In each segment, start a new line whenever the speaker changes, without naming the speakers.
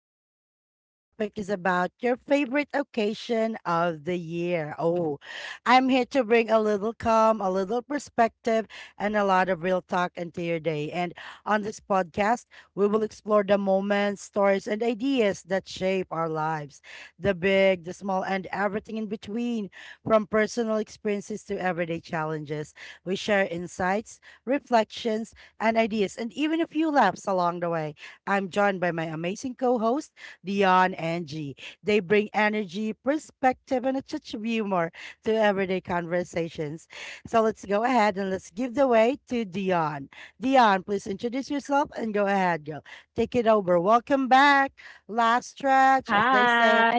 Lisa. Our topic is about your favorite occasion of the year. Oh, I'm here to bring a little calm, a little perspective, and a lot of real talk into your day. And on this podcast, we will explore the moments, stories, and ideas that shape our lives, the big, the small, and everything in between, from personal experiences to everyday challenges. We share insights, reflections, and ideas, and even a few laughs along the way. I'm joined by my amazing co host, Dion and G. They bring energy, perspective, and a touch of humor to everyday conversations. So let's go ahead and let's give the way to Dion. Dion, please introduce yourself and go ahead, girl. Take it over. Welcome back. Last stretch, as they say.
Hi,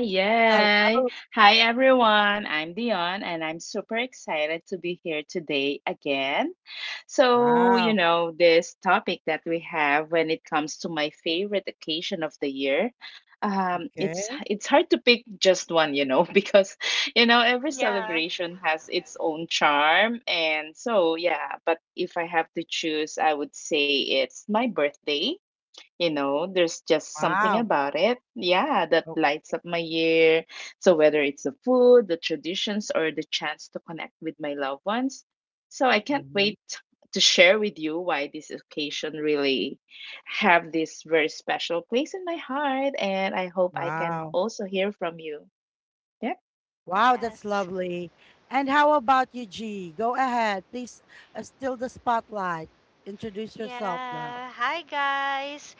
Hello.
yay. Hi, everyone. I'm Dion, and I'm super excited to be here today again. So, you
Wow.
know, this topic that we have when it comes to my favorite occasion of the year, it's
Okay.
it's hard to pick just one, you know, because you know every
Yeah.
celebration has its own charm, and so yeah. But if I have to choose, I would say it's my birthday, you know, there's just something
Wow.
about it, yeah, that
Okay.
lights up my year. So whether it's the food, the traditions, or the chance to connect with my loved ones, so I can't
Mhm.
wait to share with you why this occasion really have this very special place in my heart, and I hope I can
Wow.
also hear from you. Yeah.
Wow, that's
Yes.
lovely. And how about you, G? Go ahead. Please steal the spotlight. Introduce yourself, girl.
Yeah. Hi, guys.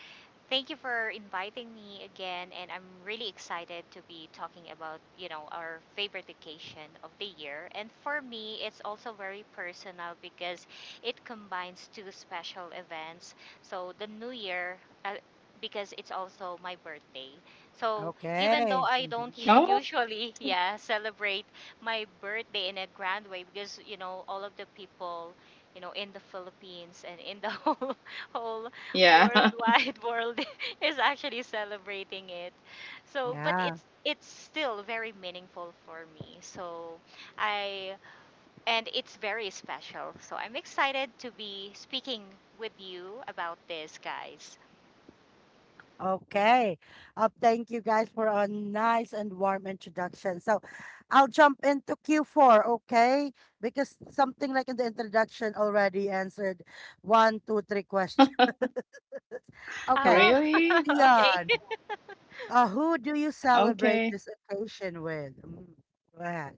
Thank you for inviting me again, and I'm really excited to be talking about, you know, our favorite vacation of the year. And for me, it's also very personal because it combines two special events. So the New Year, uh, because it's also my birthday. So even though
Okay.
I don't
Mhm.
Oh,
usually, yeah, celebrate my birthday in a grand way because, you know, all of the people, you know, in the Philippines and in the whole
yeah.
worldwide world is actually celebrating it, so but
Yeah.
it's still very meaningful for me. So I, and it's very special, so I'm excited to be speaking with you about this, guys.
Okay. Thank you guys for a nice and warm introduction. So I'll jump into Q4, okay? Because something like in the introduction already answered one, two, three questions. Okay.
Oh.
Really?
Okay.
Dion, who do you celebrate
Okay.
this occasion with? Mm, go ahead.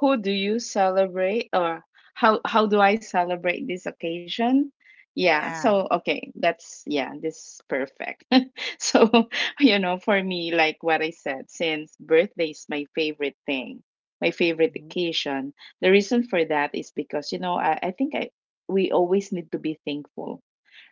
How do you celebrate, or how do I celebrate this occasion? Yeah,
Yeah.
so okay, that's yeah, this is perfect. So, you know, for me, like what I said, since birthday is my favorite thing, my favorite
Mhm.
occasion, the reason for that is because, you know, I think I we always need to be thankful,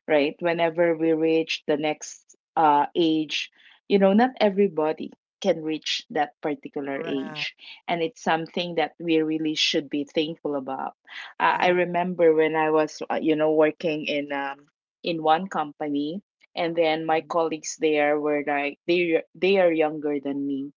right? Whenever we reach the next age, you know, not everybody can reach that particular
Correct.
age. And it's something that we really should be thankful about. I
Yeah.
remember when I was, you know, working in one company, and then my
Mhm.
colleagues there were like, they are younger than me.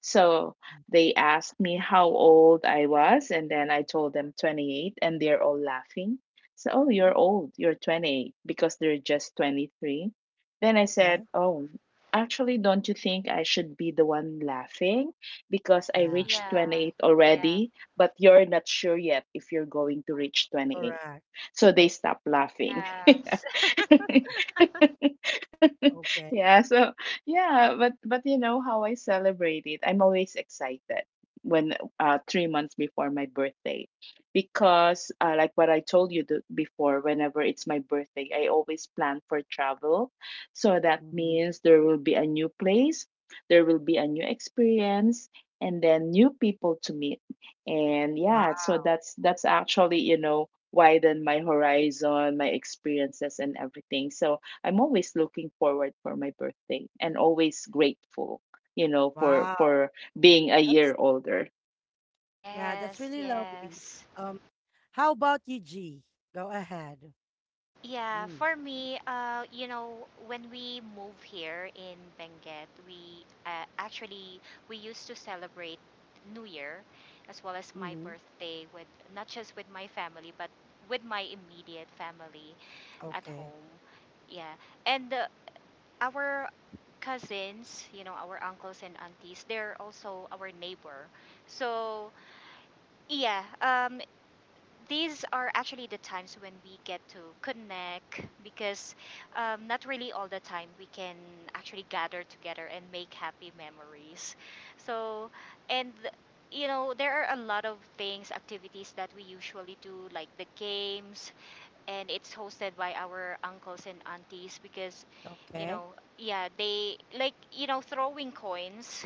So they asked me how old I was, and then I told them 28, and they're all laughing, so, oh, you're
Mhm.
old. You're 28 because they're just 23. Then I said,
Okay.
oh, actually, don't you think I should be the one laughing because I
Yeah.
reached
Yeah.
28
Yeah.
already, but you're not sure yet if you're going to reach 28,
Correct.
so they stop laughing. Yeah.
Yes.
Mhm. Okay.
Yeah. So yeah, but you know how I celebrate it, I'm always excited when 3 months before my birthday because, like what I told you before, whenever it's my birthday I always plan for travel. So that
Hmm.
means there will be a new place, there will be a new experience, and then new people to meet. And
Wow.
yeah, so that's actually, you know, widen my horizon, my experiences and everything. So I'm always looking forward for my birthday and always grateful, you know,
Wow.
for being a year
That's,
older.
yeah, that's
Yes.
really lovely.
Yes.
Um, how about you, G? Go ahead.
Yeah,
Mm.
for me, you know, when we move here in Benguet, we actually we used to celebrate New Year as well as my
Mm-hmm.
birthday with, not just with my family but with my immediate family at
Okay.
home. Yeah. And our cousins, you know, our uncles and aunties, they're also our neighbor. So, yeah, these are actually the times when we get to connect because not really all the time we can actually gather together and make happy memories. So, and you know, there are a lot of things, activities that we usually do, like the games, and it's hosted by our uncles and aunties because, you
Okay.
know, yeah, they like, you know, throwing coins,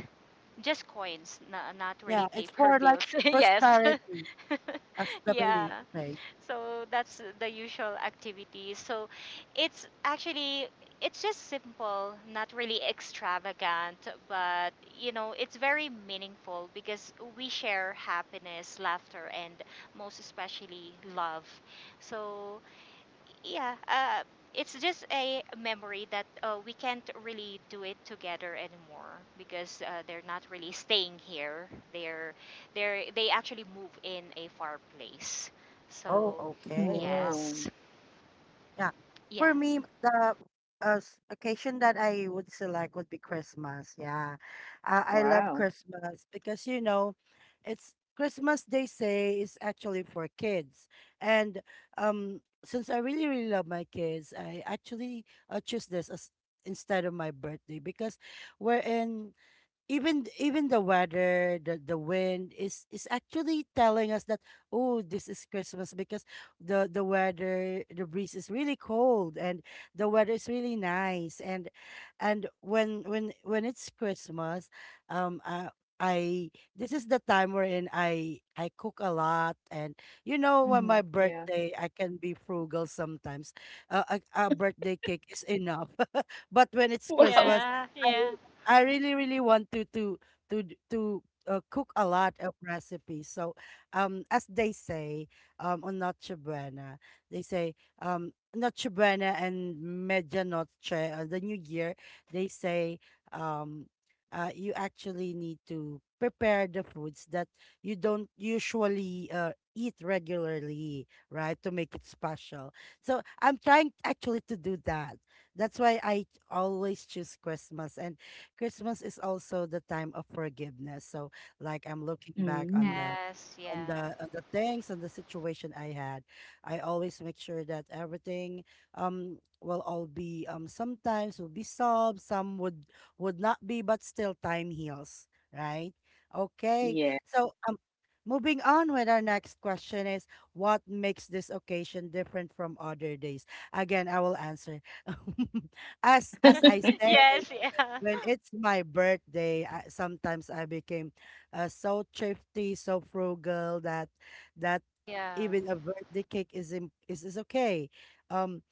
just coins, not really
Yeah, it's
paper
more like
bills. Yes.
prosperity as the belief
Yeah,
place.
so that's the usual activity. So it's actually it's just simple, not really extravagant, but you know, it's very meaningful because we share happiness, laughter and most especially love. So yeah, it's just a memory that we can't really do it together anymore because they're not really staying here, they're they actually move in a far place,
Oh,
so.
okay. Wow.
Oh,
Yes.
Yeah.
Yeah.
For me, the occasion that I would select would be Christmas. Yeah. I love
wow.
Christmas because, it's Christmas, they say, is actually for kids. And since I really, really love my kids, I actually choose this as instead of my birthday because we're in even the weather, the wind is actually telling us that, oh, this is Christmas. Because the weather, the breeze is really cold, and the weather is really nice, and when it's Christmas, um uh, I this is the time wherein I cook a lot. And when my
Hmm. Yeah.
birthday I can be frugal sometimes. A birthday cake is enough, but when it's
Wow.
Christmas,
Yeah. Yeah.
I really, really want to cook a lot of recipes. So, as they say, on Noche Buena, they say, Noche Buena and Medianoche, the New Year, they say, um, you actually need to prepare the foods that you don't usually eat regularly, right, to make it special. So, I'm trying actually to do that. That's why I always choose Christmas, and Christmas is also the time of forgiveness. So, like, I'm looking back on
Mm.
the
Yes.
on
Yeah.
the on the things and the situation I had. I always make sure that everything will all be, sometimes will be solved, some would not be, but still time heals, right? Okay.
Yeah.
So moving on with our next question is, what makes this occasion different from other days? Again, I will answer. As I say,
Yes. Yeah.
when it's my birthday, sometimes I became so thrifty, so frugal that
Yeah.
even a birthday cake is im- is okay. Um,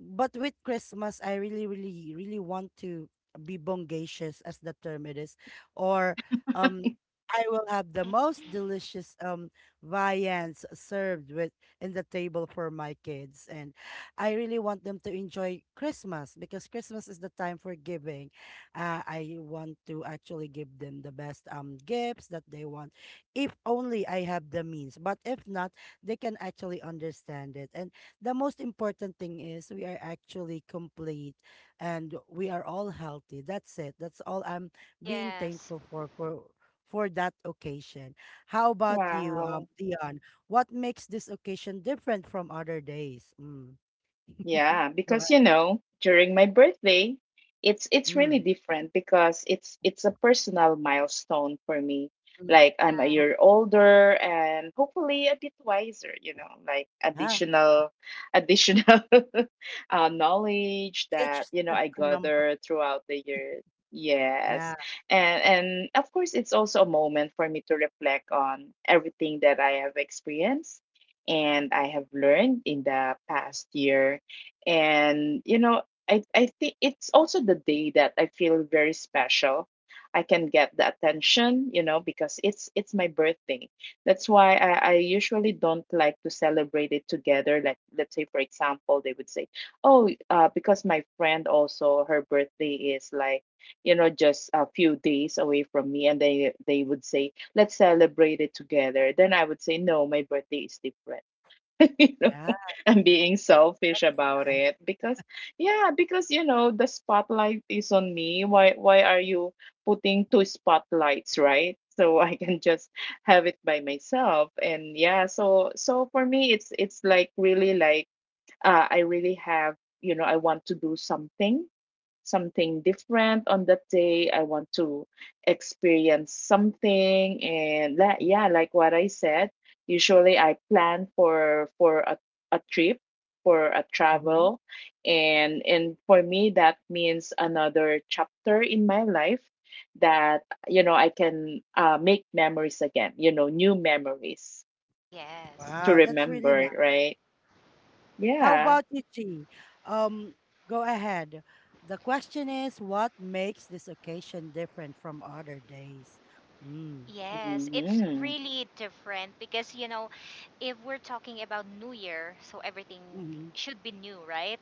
but with Christmas, I really, really, really want to be bongacious, as the term it is, or um, I will have the most delicious viands served with in the table for my kids, and I really want them to enjoy Christmas because Christmas is the time for giving. I want to actually give them the best gifts that they want, if only I have the means. But if not, they can actually understand it, and the most important thing is we are actually complete and we are all healthy. That's it. That's all I'm being
Yes.
thankful for, for that occasion. How about you,
Wow.
Dion? What makes this occasion different from other days? Mm.
Yeah,
Go
because
ahead.
you know, during my birthday, it's really
Mm.
different because it's a personal milestone for me.
Mm.
Like I'm a
Yeah.
Oh,
year older and hopefully a bit wiser, you know, like
yeah.
additional additional knowledge
Age
that
is
you know
just
I
a number.
gather throughout the years.
Yeah.
Yes. And of course it's also a moment for me to reflect on everything that I have experienced and I have learned in the past year. And you know, I think it's also the day that I feel very special. I can get the attention, you know, because it's my birthday. That's why I usually don't like to celebrate it together. Like let's say for example, they would say, "Oh, because my friend also her birthday is like, you know, just a few days away from me," and they would say, "Let's celebrate it together." Then I would say, "No, my birthday is different." You know,
Yeah.
I'm being selfish about it because yeah, because you know the spotlight is on me. Why are you putting two spotlights, right? So I can just have it by myself. And yeah, so so for me it's like really like I really have, you know, I want to do something, something different on that day. I want to experience something, and that
Mm-hmm.
yeah, like what I said, usually I plan for a trip, for a
Mm-hmm.
travel. And for me that means another chapter in my life that you know I can, make memories again, you know, new memories
Yes.
to
Wow, that's really
remember, right?
how
Yeah.
about you, Chi? Um, go ahead. The question is, what makes this occasion different from other days? Mm.
Yes, it's
Hmm.
really different because you know, if we're talking about New Year, so everything
Hmm.
should be new, right?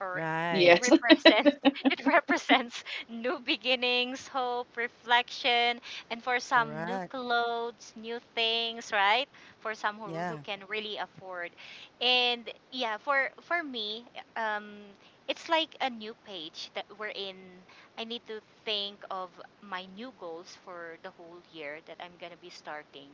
Or it
Right.
Yes.
represents, it represents new beginnings, hope, reflection, and for some new
Correct.
clothes, new things, right? For some who
Yeah.
can really afford. And yeah, for me, um it's like a new page that we're in. I need to think of my new goals for the whole year that I'm going to be starting,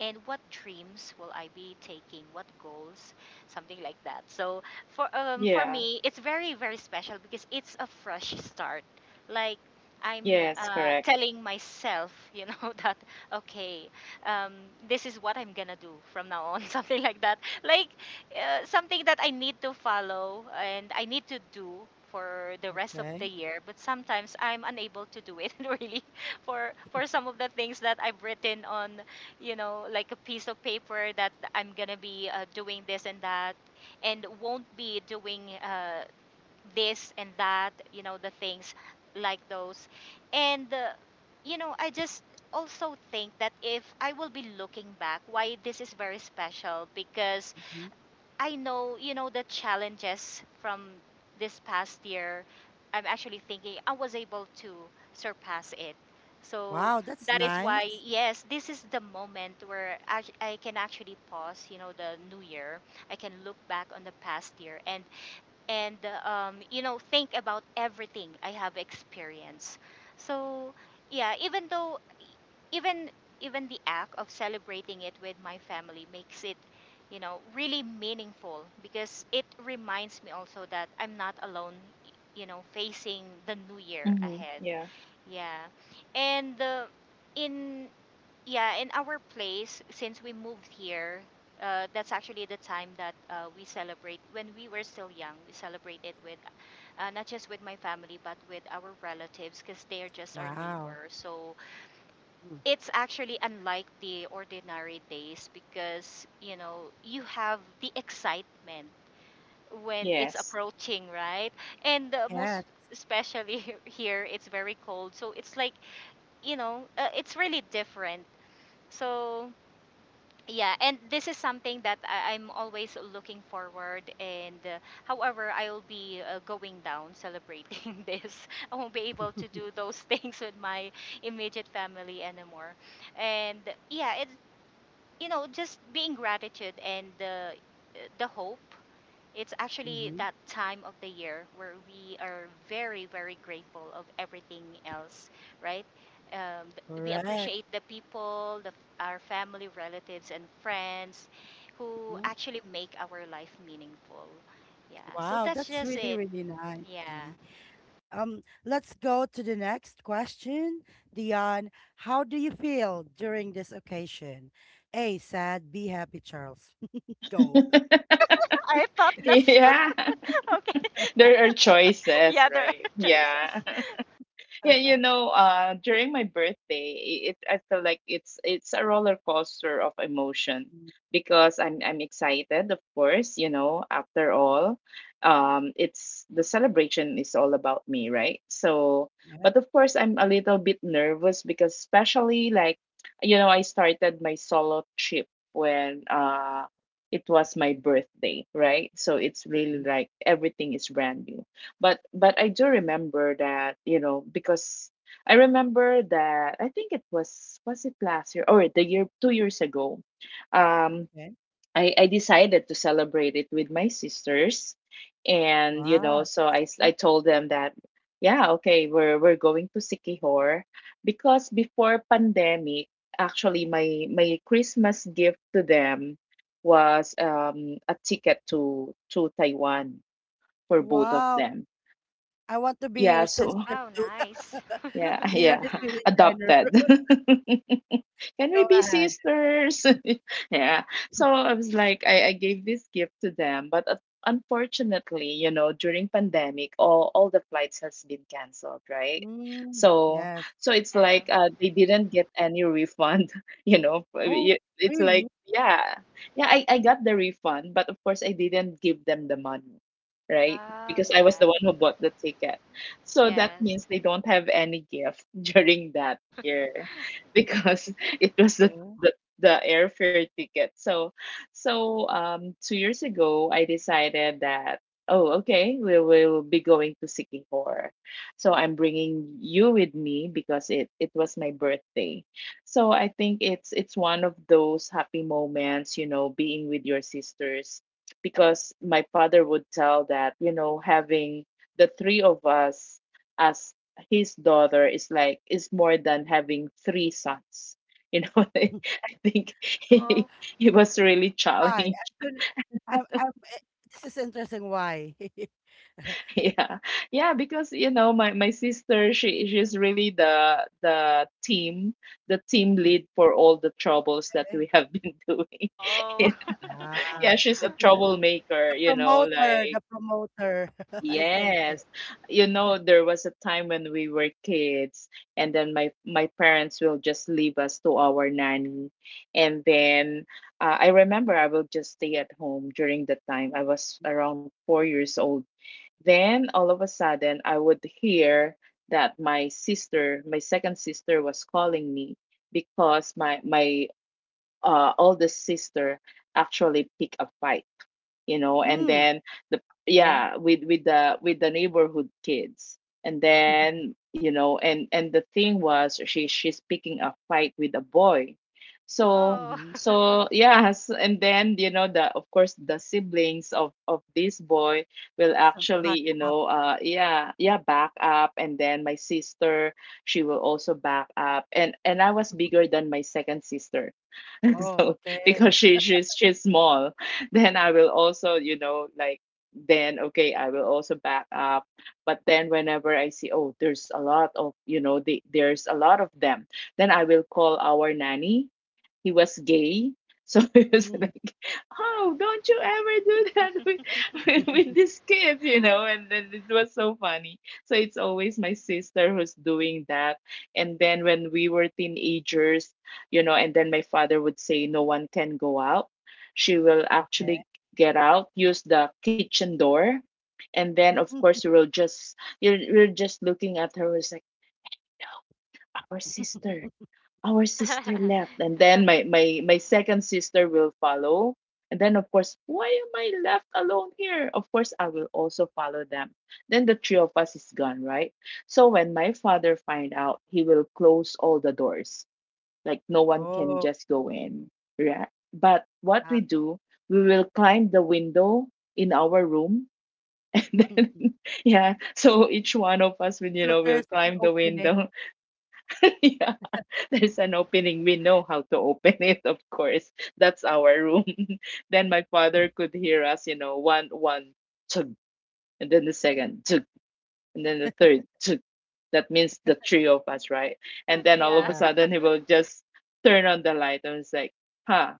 and what dreams will I be taking, what goals, something like that. So, for
Yeah.
me it's very very special because it's a fresh start, like i'm
Yes.
uh,
Correct.
telling myself, you know, that okay, um, this is what I'm gonna do from now on, something like that, like something that I need to follow and I need to do for the rest of the
Okay.
year, but sometimes I'm unable to do it, really, for some of the things that I've written on, you know, like a piece of paper that I'm gonna be doing this and that, and won't be doing this and that, you know, the things like those. And, you know, I just also think that if I will be looking back, why this is very special because
Hmm.
I know, you know, the challenges from this past year. I'm actually thinking I was able to surpass it. So
Wow, that's
that is why,
nice.
yes, this is the moment where I can actually pause, you know, the new year. I can look back on the past year, and you know think about everything I have experienced. So yeah, even though, even even the act of celebrating it with my family makes it, you know, really meaningful because it reminds me also that I'm not alone, you know, facing the new year
Mm-hmm.
ahead.
Yeah.
Yeah. And in yeah, in our place, since we moved here, that's actually the time that we celebrate. When we were still young, we celebrated with not just with my family, but with our relatives because they're just our
Wow.
neighbors. So
Mm.
it's actually unlike the ordinary days because, you know, you have the excitement when it's
Yes.
approaching, right? And most
Yes.
especially here, it's very cold. So it's like, you know, it's really different. So yeah, and this is something that I'm always looking forward, and however I will be going down celebrating this, I won't be able to do those things with my immediate family anymore. And yeah, it's, you know, just being gratitude and the hope. It's actually
Hmm.
that time of the year where we are very, very grateful of everything else, right? We
Correct.
appreciate the people, the, our family, relatives, and friends who
Mhm.
actually make our life meaningful. Yeah, so
Wow,
that's
that's
just
really,
it.
really nice,
Yeah.
G. Let's go to the next question. Dion, how do you feel during this occasion? A, sad, B, happy, Charles. go.
I thought
It is a
that's
Yeah.
choice.
okay.
There are choices,
Yeah, there are
right? Yeah.
choices.
Yeah, you know, during my birthday, it I feel like it's a roller coaster of emotion because I'm excited, of course, you know, after all, it's the celebration is all about me, right? So,
Yeah.
but of course, I'm a little bit nervous because especially like, you know, I started my solo trip when it was my birthday, right? So it's really
Mhm.
like everything is brand new. But I do
Mhm.
remember that you know because I remember that I think it was it last year or the year 2 years ago, um
Okay.
I decided to celebrate it with my sisters, and you know
Wow.
so
That's
I
sweet.
told them that yeah okay, we're going to Sikihor because before pandemic actually my my Christmas gift to them was a ticket to Taiwan for both of
Wow.
them.
I want to be your
Yeah, so
sister
Wow,
too.
nice.
yeah,
Dion
yeah,
is really tender.
adopted. Can we
go
be
ahead.
sisters? Yeah. So I was like, I gave this gift to them, but unfortunately, you know, during pandemic, all the flights has been canceled, right?
Mm,
So
yes.
so it's
Yeah.
like they didn't get any refund, you know. I
Oh,
mean, it's like
really?
yeah, yeah, I got the refund, but of course I didn't give them the money, right?
Oh,
Because I was the
yeah.
one who bought the ticket. So that
Yes.
means they don't have any gift during that year because it was
Okay.
the, the airfare ticket. So so 2 years ago I decided that oh okay we will be going to Sikihor. So I'm bringing you with me because it was my birthday. So I think it's one of those happy moments, you know, being with your sisters because my father would tell that you know having the three of us as his daughter is like is more than having three sons. You know, I think
Oh.
he was really
Why?
challenged.
I'm gonna I'm eh, this is interesting why.
Yeah, yeah, because you know my sister she she's really the the team lead for all the troubles that
Okay.
we have been doing. Yeah,
Oh.
Ah,
yeah, she's a troublemaker.
the
You know,
promoter,
like
the promoter. I sense
yes.
it.
You know, there was a time when we were kids and then my parents will just leave us to our nanny. And then I remember I will just stay at home during the time. I was around 4 years old. Then all of a sudden I would hear that my sister, my second sister was calling me because my oldest sister actually picked a fight, you know, and
Mm,
then the
okay.
yeah, with with the neighborhood kids. And
Mhm.
then you know and the thing was she she's picking a fight with a boy. So
Oh.
Mhm.
so yes, and then you know the of course the siblings of this boy will
So,
actually you
backup.
know yeah yeah back up, and then my sister she will also back up. And I was bigger than my second sister.
Oh,
So
okay.
because she she's small, then I will also, you know, like, then okay I will also back up. But then whenever I see oh there's a lot of, you know, there's a lot of them, then I will call our nanny. He was gay. So it was
Mhm.
like, oh don't you ever do that with, with this kid, you know. And then it was so funny. So it's always my sister who's doing that. And then when we were teenagers, you know, and then my father would say, no one can go out. She will
Okay.
actually get out, use the kitchen door. And then, of course, we will just, we are just looking at her, it's like, our sister, our sister left. And then my second sister will follow. And then, of course, why am I left alone here? Of course, I will also follow them. Then the three of us is gone, right? So when my father find out, he will close all the doors, like no one can
Oh,
just go in. Right. But what
yeah.
we do, we will climb the window in our room. And then, yeah. So each one of us will, you
Still
know, will
there's an
climb the
opening.
window. Yeah. There's an opening. We know how to open it, of course. That's our room. Then my father could hear us, you know, one, two, and then the second, and then the third. That means the three of us, right? And then all of
Yeah.
a
Yeah.
sudden he will just turn on the light and was like, huh,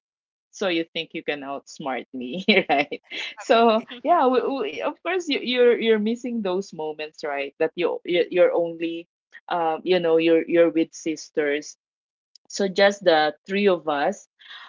so you think you can outsmart me, right? So
It,
yeah, of course you're missing those moments, right? That you- you're only, you know, you're with sisters, so just the three of us.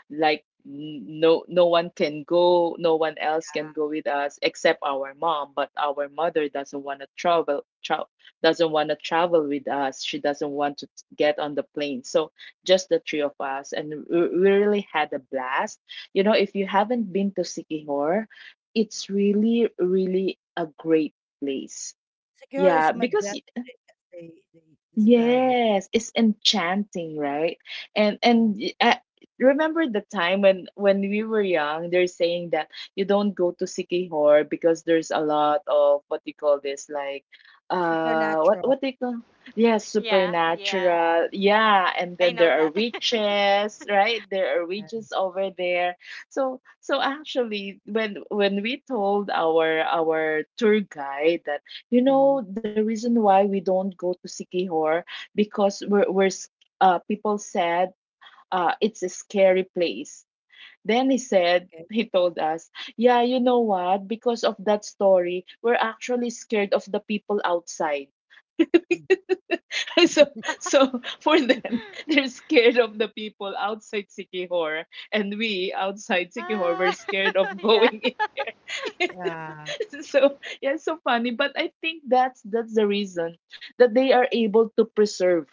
No one can go, no one else can go with us except our mom, but our mother doesn't want to doesn't want to travel with us. She doesn't want to get on the plane. So just the three of us, and we really had a blast. You know, if you haven't been to Sikihor, it's really really a great place.
secure is
Yeah, because
majestic as they describe it.
yes, it's enchanting, right?
Yeah.
I remember the time when we were young, they're saying that you don't go to Sikihor because there's a lot of, what do you call this, like, uh what
Supernatural.
what do you call— yeah,
Yeah, yeah.
supernatural. Yeah, and
I
then
know
there are
that.
witches, right? There are
Yeah.
witches over there. So so actually when we told our tour guide that, you
Hmm.
know, the reason why we don't go to Sikihor, because people said, it's a scary place. Then he said,
Okay.
he told us, yeah, you know what? Because of that story, we're actually scared of the people outside. So so for them they're scared of the people outside Sikihor, and we outside Sikihor were
Ah.
scared of
Yeah.
going in there.
Yeah.
So yeah, it's so funny. But I think that's the reason that they are able to preserve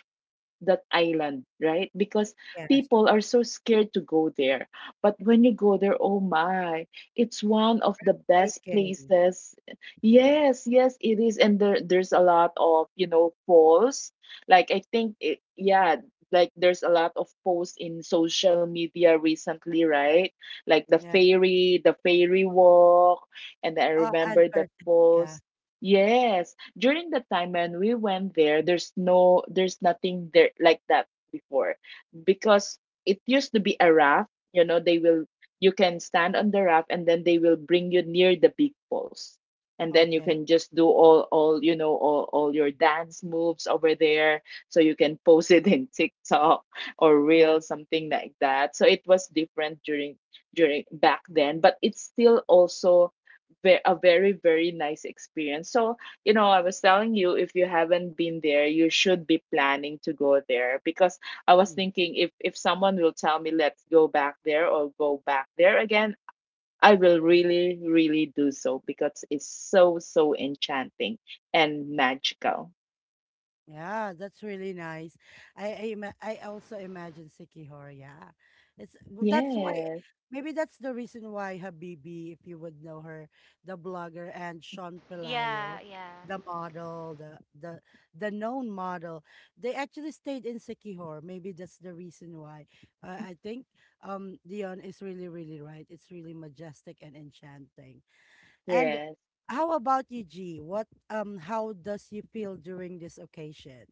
that island, right? Because
Yes.
people are so scared to go there. But when you go there, oh my, it's one of the best
Taking.
places. Yes, yes, it is. And there's a lot of, you know, falls. Like, I think, it, yeah, like there's a lot of posts in social media recently, right? Like
Yeah.
the ferry walk. And I
And
remember the
curtain. Yeah.
falls. Yes, during the time when we went there, there's no, there's nothing there like that before, because it used to be a raft. You know, they will, you can stand on the raft and then they will bring you near the big falls, and then you
Okay.
can just do all you know, all your dance moves over there, so you can post it in TikTok or
Yeah.
reel something like that. So it was different during, during back then, but it's still also a very very nice experience. So you know, I was telling you, if you haven't been there, you should be planning to go there because I was thinking, if someone will tell me, let's go back there or go back there again, I will really really do so because it's so so enchanting and magical.
Yeah, that's really nice. I also imagine Sikihor. Yeah, that's why
Yes.
maybe that's the reason why Habibi, if you would know her, the blogger, and Sean Pelayo,
Yeah, yeah.
the model, the known model, they actually stayed in Sikihor. Maybe that's the reason why. I think Dion is really really right. It's really majestic and enchanting. And
Yes.
how about you, G? What how does you feel during this occasion?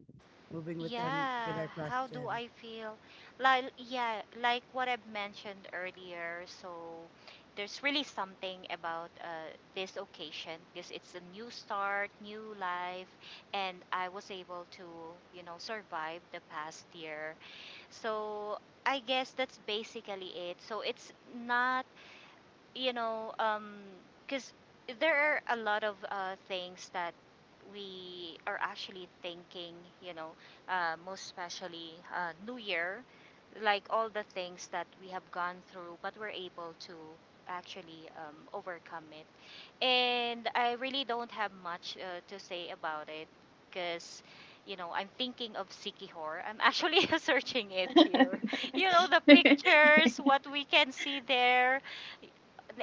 Moving with our
Yeah, how do
question.
I feel? Like yeah, like what I've mentioned earlier. So there's really something about this occasion because it's a new start, new life, and I was able to, you know, survive the past year. So I guess that's basically it. So it's not, you know, because there are a lot of things that we are actually thinking, you know, most especially New Year, like all the things that we have gone through, but we're able to actually overcome it. And I really don't have much to say about it because. You know, I'm thinking of Sikihor. I'm actually searching it here. You know, the pictures, what we can see there,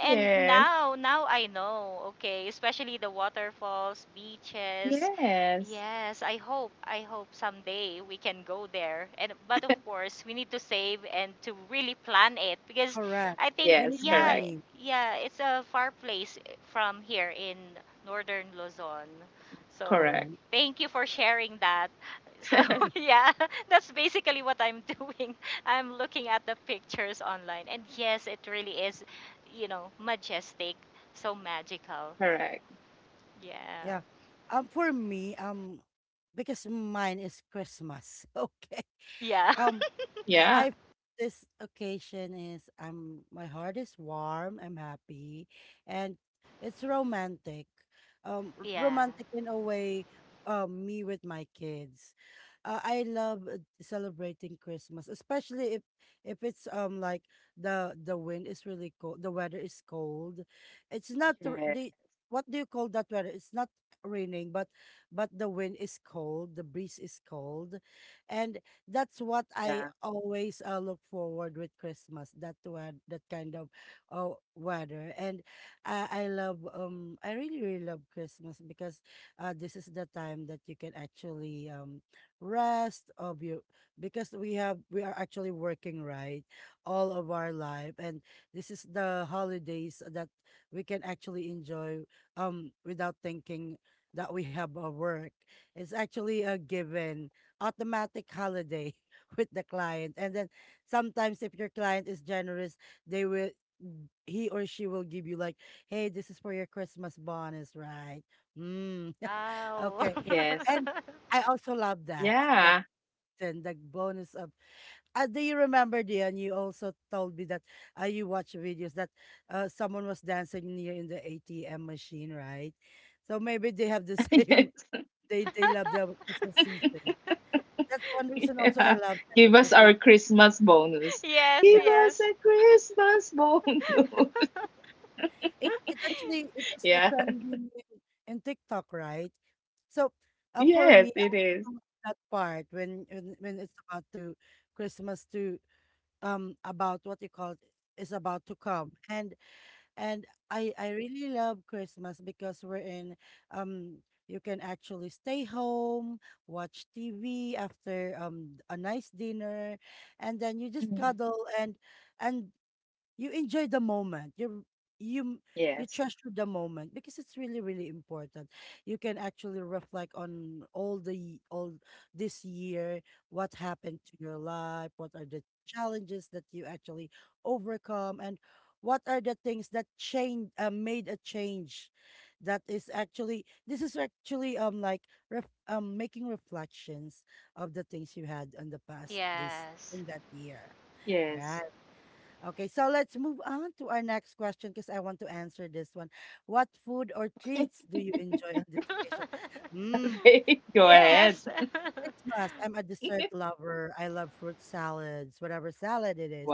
and
Yes.
now I know, okay, especially the waterfalls, beaches.
Yes.
Yes, I hope someday we can go there. And but of course, we need to save and to really plan it because
Correct.
I think
You need
Yes,
yeah,
correct.
money.
yeah, it's a far place eh, from here in northern Luzon. So,
Hmm.
Correct.
thank you for sharing that. So, yeah, that's basically what I'm doing. I'm looking at the pictures online. And yes, it really is, you know, majestic, so magical.
Correct.
Yeah.
Yeah. For me, because mine is Christmas. Okay.
Yeah.
Um, I
Yeah.
this occasion is, I'm my heart is warm, I'm happy, and it's romantic.
Yeah.
Romantic in a way, me with my kids. I love celebrating Christmas, especially if it's like the wind is really cold, the weather is cold. It's not r-
Yeah.
the What do you call that weather? It's not raining, but the wind is cold, the breeze is cold, and that's what
Yeah.
I always look forward with Christmas. That kind of weather, and I really really love Christmas because this is the time that you can actually rest of you, because we are actually working right all of our life, and this is the holidays that we can actually enjoy without thinking that we have a work. It's actually a given automatic holiday with the client. And then sometimes if your client is generous, they will he or she will give you like, hey, this is for your Christmas bonus, right? Mm.
Wow.
Okay.
Yes.
And I also love that.
Yeah.
Then the bonus of, do you remember, Dion? You also told me that, you watch videos that, someone was dancing near in the ATM machine, right? So maybe they have the same,
Yes.
they love the Christmas season. That's one reason also I
Yeah.
love that.
Give us
Just be,
our Christmas bonus.
Yes,
Give
yeah.
us
yes.
a Christmas bonus.
It actually, it was a
Yeah.
trending in TikTok, right? So for
Yes,
me, I
it
also
is.
love that part when it's about to Christmas to about what you call it, is about to come. And I really love Christmas because we're in um you can actually stay home, watch TV after a nice dinner, and then you just
Mhm.
cuddle, and you enjoy the moment. You you you
Yes.
treasure the moment because it's really really important. You can actually reflect on all this year, what happened to your life, what are the challenges that you actually overcome, and what are the things that change made a change. That is actually this is actually, like, making reflections of the things you had in the past, this
Yes.
in that year. Yeah.
Yes.
Okay, so let's move on to our next question because I want to answer this one. What food or treats do you enjoy on this occasion? Mm,
Okay, go
in
ahead.
Yes.
Christmas, I'm a dessert lover. I love fruit salads, whatever salad it is.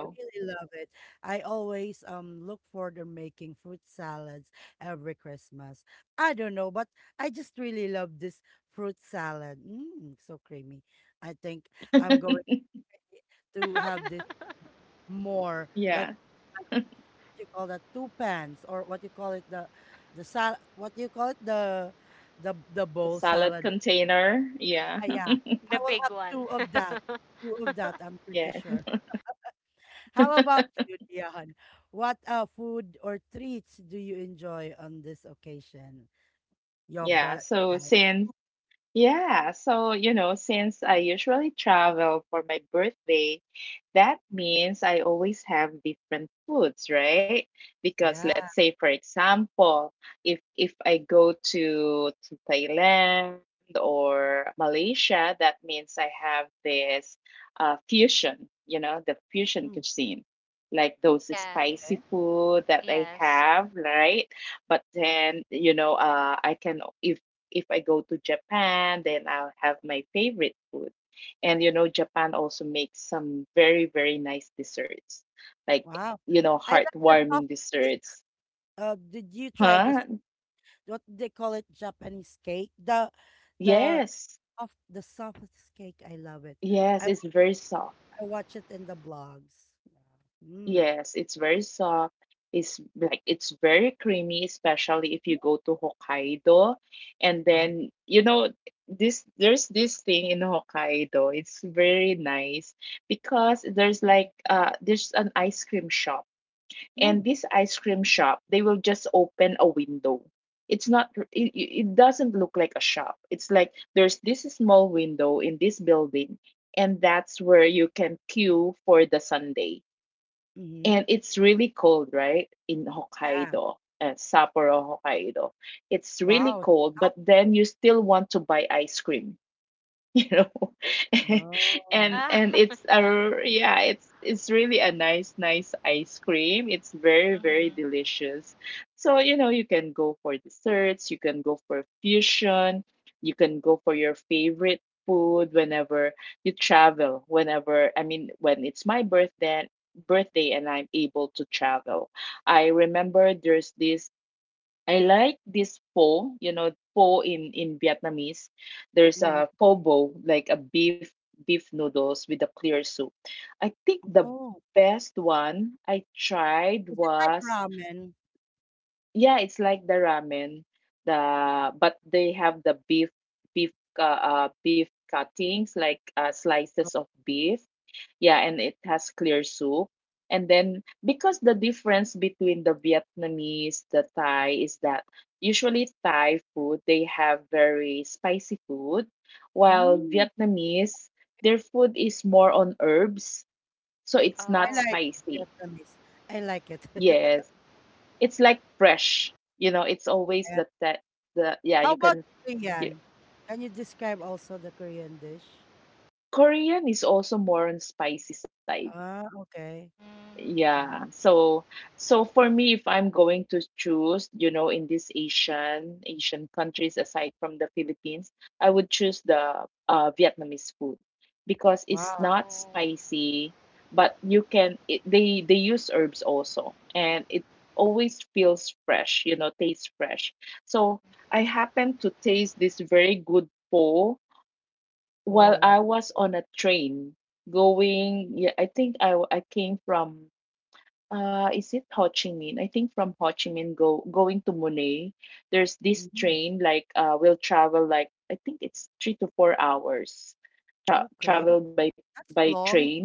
I really love it. I always look forward to making fruit salads every Christmas. I don't know, but I just really love this fruit salad. Mm, so creamy. I think I'm going to have this more like,
Yeah.
you call that two pans, or what you call it, the sal what you call it, the the
The
bowl
salad
salad.
container. Yeah.
Ah, yeah, I
The
will
big
have
one.
two of that. Two of that, I'm pretty
Yeah.
sure. How about you, Dion? What food or treats do you enjoy on this occasion? Your
Yeah. So
birthday?
since Yeah, so you know, since I usually travel for my birthday, that means I always have different foods, right? Because
Yeah.
let's say, for example, if I go to Thailand or Malaysia, that means I have this fusion, you know, the fusion
Mm.
cuisine, like those
Yeah,
Okay.
spicy food that I
yes.
have, right? But then, you know, I can if I go to Japan, then I'll have my favorite food. And you know, Japan also makes some very, very nice desserts, like,
Wow.
you know,
I like the soft
heartwarming
cake.
desserts.
Did you try this?
Huh?
What they call it, Japanese cake? The
Yes.
the softest cake. I love it.
Yes,
I
it's very soft.
watch it in the blogs. Yeah. Mm.
Yes, it's very soft. It's like it's very creamy, especially if you go to Hokkaido. And
Wow.
then, you know, this there's this thing in Hokkaido. It's very nice because there's like there's an ice cream shop. And
Mm.
this ice cream shop, they will just open a window. It's not r- it doesn't look like a shop. It's like there's this small window in this building, and that's where you can queue for the sundae.
Mm-hmm.
And it's really cold, right? In
Yeah.
Hokkaido and Sapporo, Hokkaido. It's really
Wow.
cold, but
Stop.
then you still want to buy ice cream. You know,
No.
and
Ah.
it's a, yeah, it's really a nice nice ice cream. It's very very
Mhm.
delicious. So you know, you can go for desserts, you can go for fusion, you can go for your favorite food whenever you travel, whenever, I mean, when it's my birthday, and I'm able to travel. I remember there's this, I like this pho, you know, pho in Vietnamese. There's
Mm.
a pho bo, like a beef, beef noodles with a clear soup. I think the
Oh.
best one I tried
Is it like
was,
ramen?
yeah, it's like the ramen, the, but they have the beef beef cuttings, like
Oh,
slices of beef. Yeah, and it has clear soup. And then, because the difference between the Vietnamese, the Thai is that usually Thai food they have very spicy food, while
mm.
Vietnamese, their food is more on herbs, so it's
I
not
Oh.
like
spicy.
Vietnamese. I like it.
Yes, it's like fresh. You know, it's always
Yeah.
the yeah,
How
you
about
can y-
Korean? Can you describe also the Korean dish?
Korean is also more on spicy side.
Ah, okay.
Mm.
Yeah.
Mhm.
So so for me, if I'm going to choose, you know, in these Asian countries aside from the Philippines, I would choose the Vietnamese food, because it's
Wow.
not
Oh.
spicy, but you can it, they use herbs also, and it always feels fresh, you know, tastes fresh. So
Mm.
I happened to taste this very good pho while I
Oh,
was on a train going. Yeah, I think I came from— uh, is it Ho Chi Minh? I think from Ho Chi Minh go going to Mune, there's this
mm,
train like will travel like, I think it's 3 to 4 hours,
okay.
travel by
That's long.
train.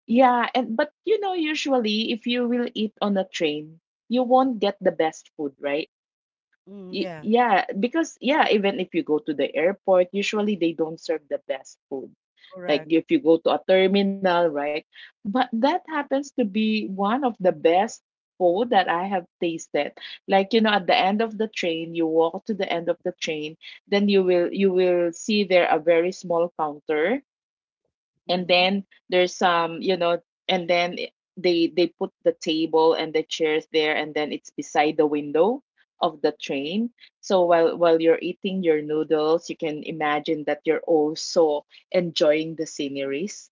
Yeah, and but you know usually if you will eat on a train, you won't get the best food, right?
Mm, yeah,
Yeah, because yeah, even if you go to the airport, usually they don't serve the best food,
correct.
like if you go to a terminal, right? But that happens to be one of the best food that I have tasted. Like you know, at the end of the train, you walk to the end of the train, then you will see there a very small counter, and
Mm-hmm.
then there's some, you know, and then they put the table and the chairs there, and then it's beside the window of the train. So while you're eating your noodles, you can imagine that you're also enjoying the sceneries.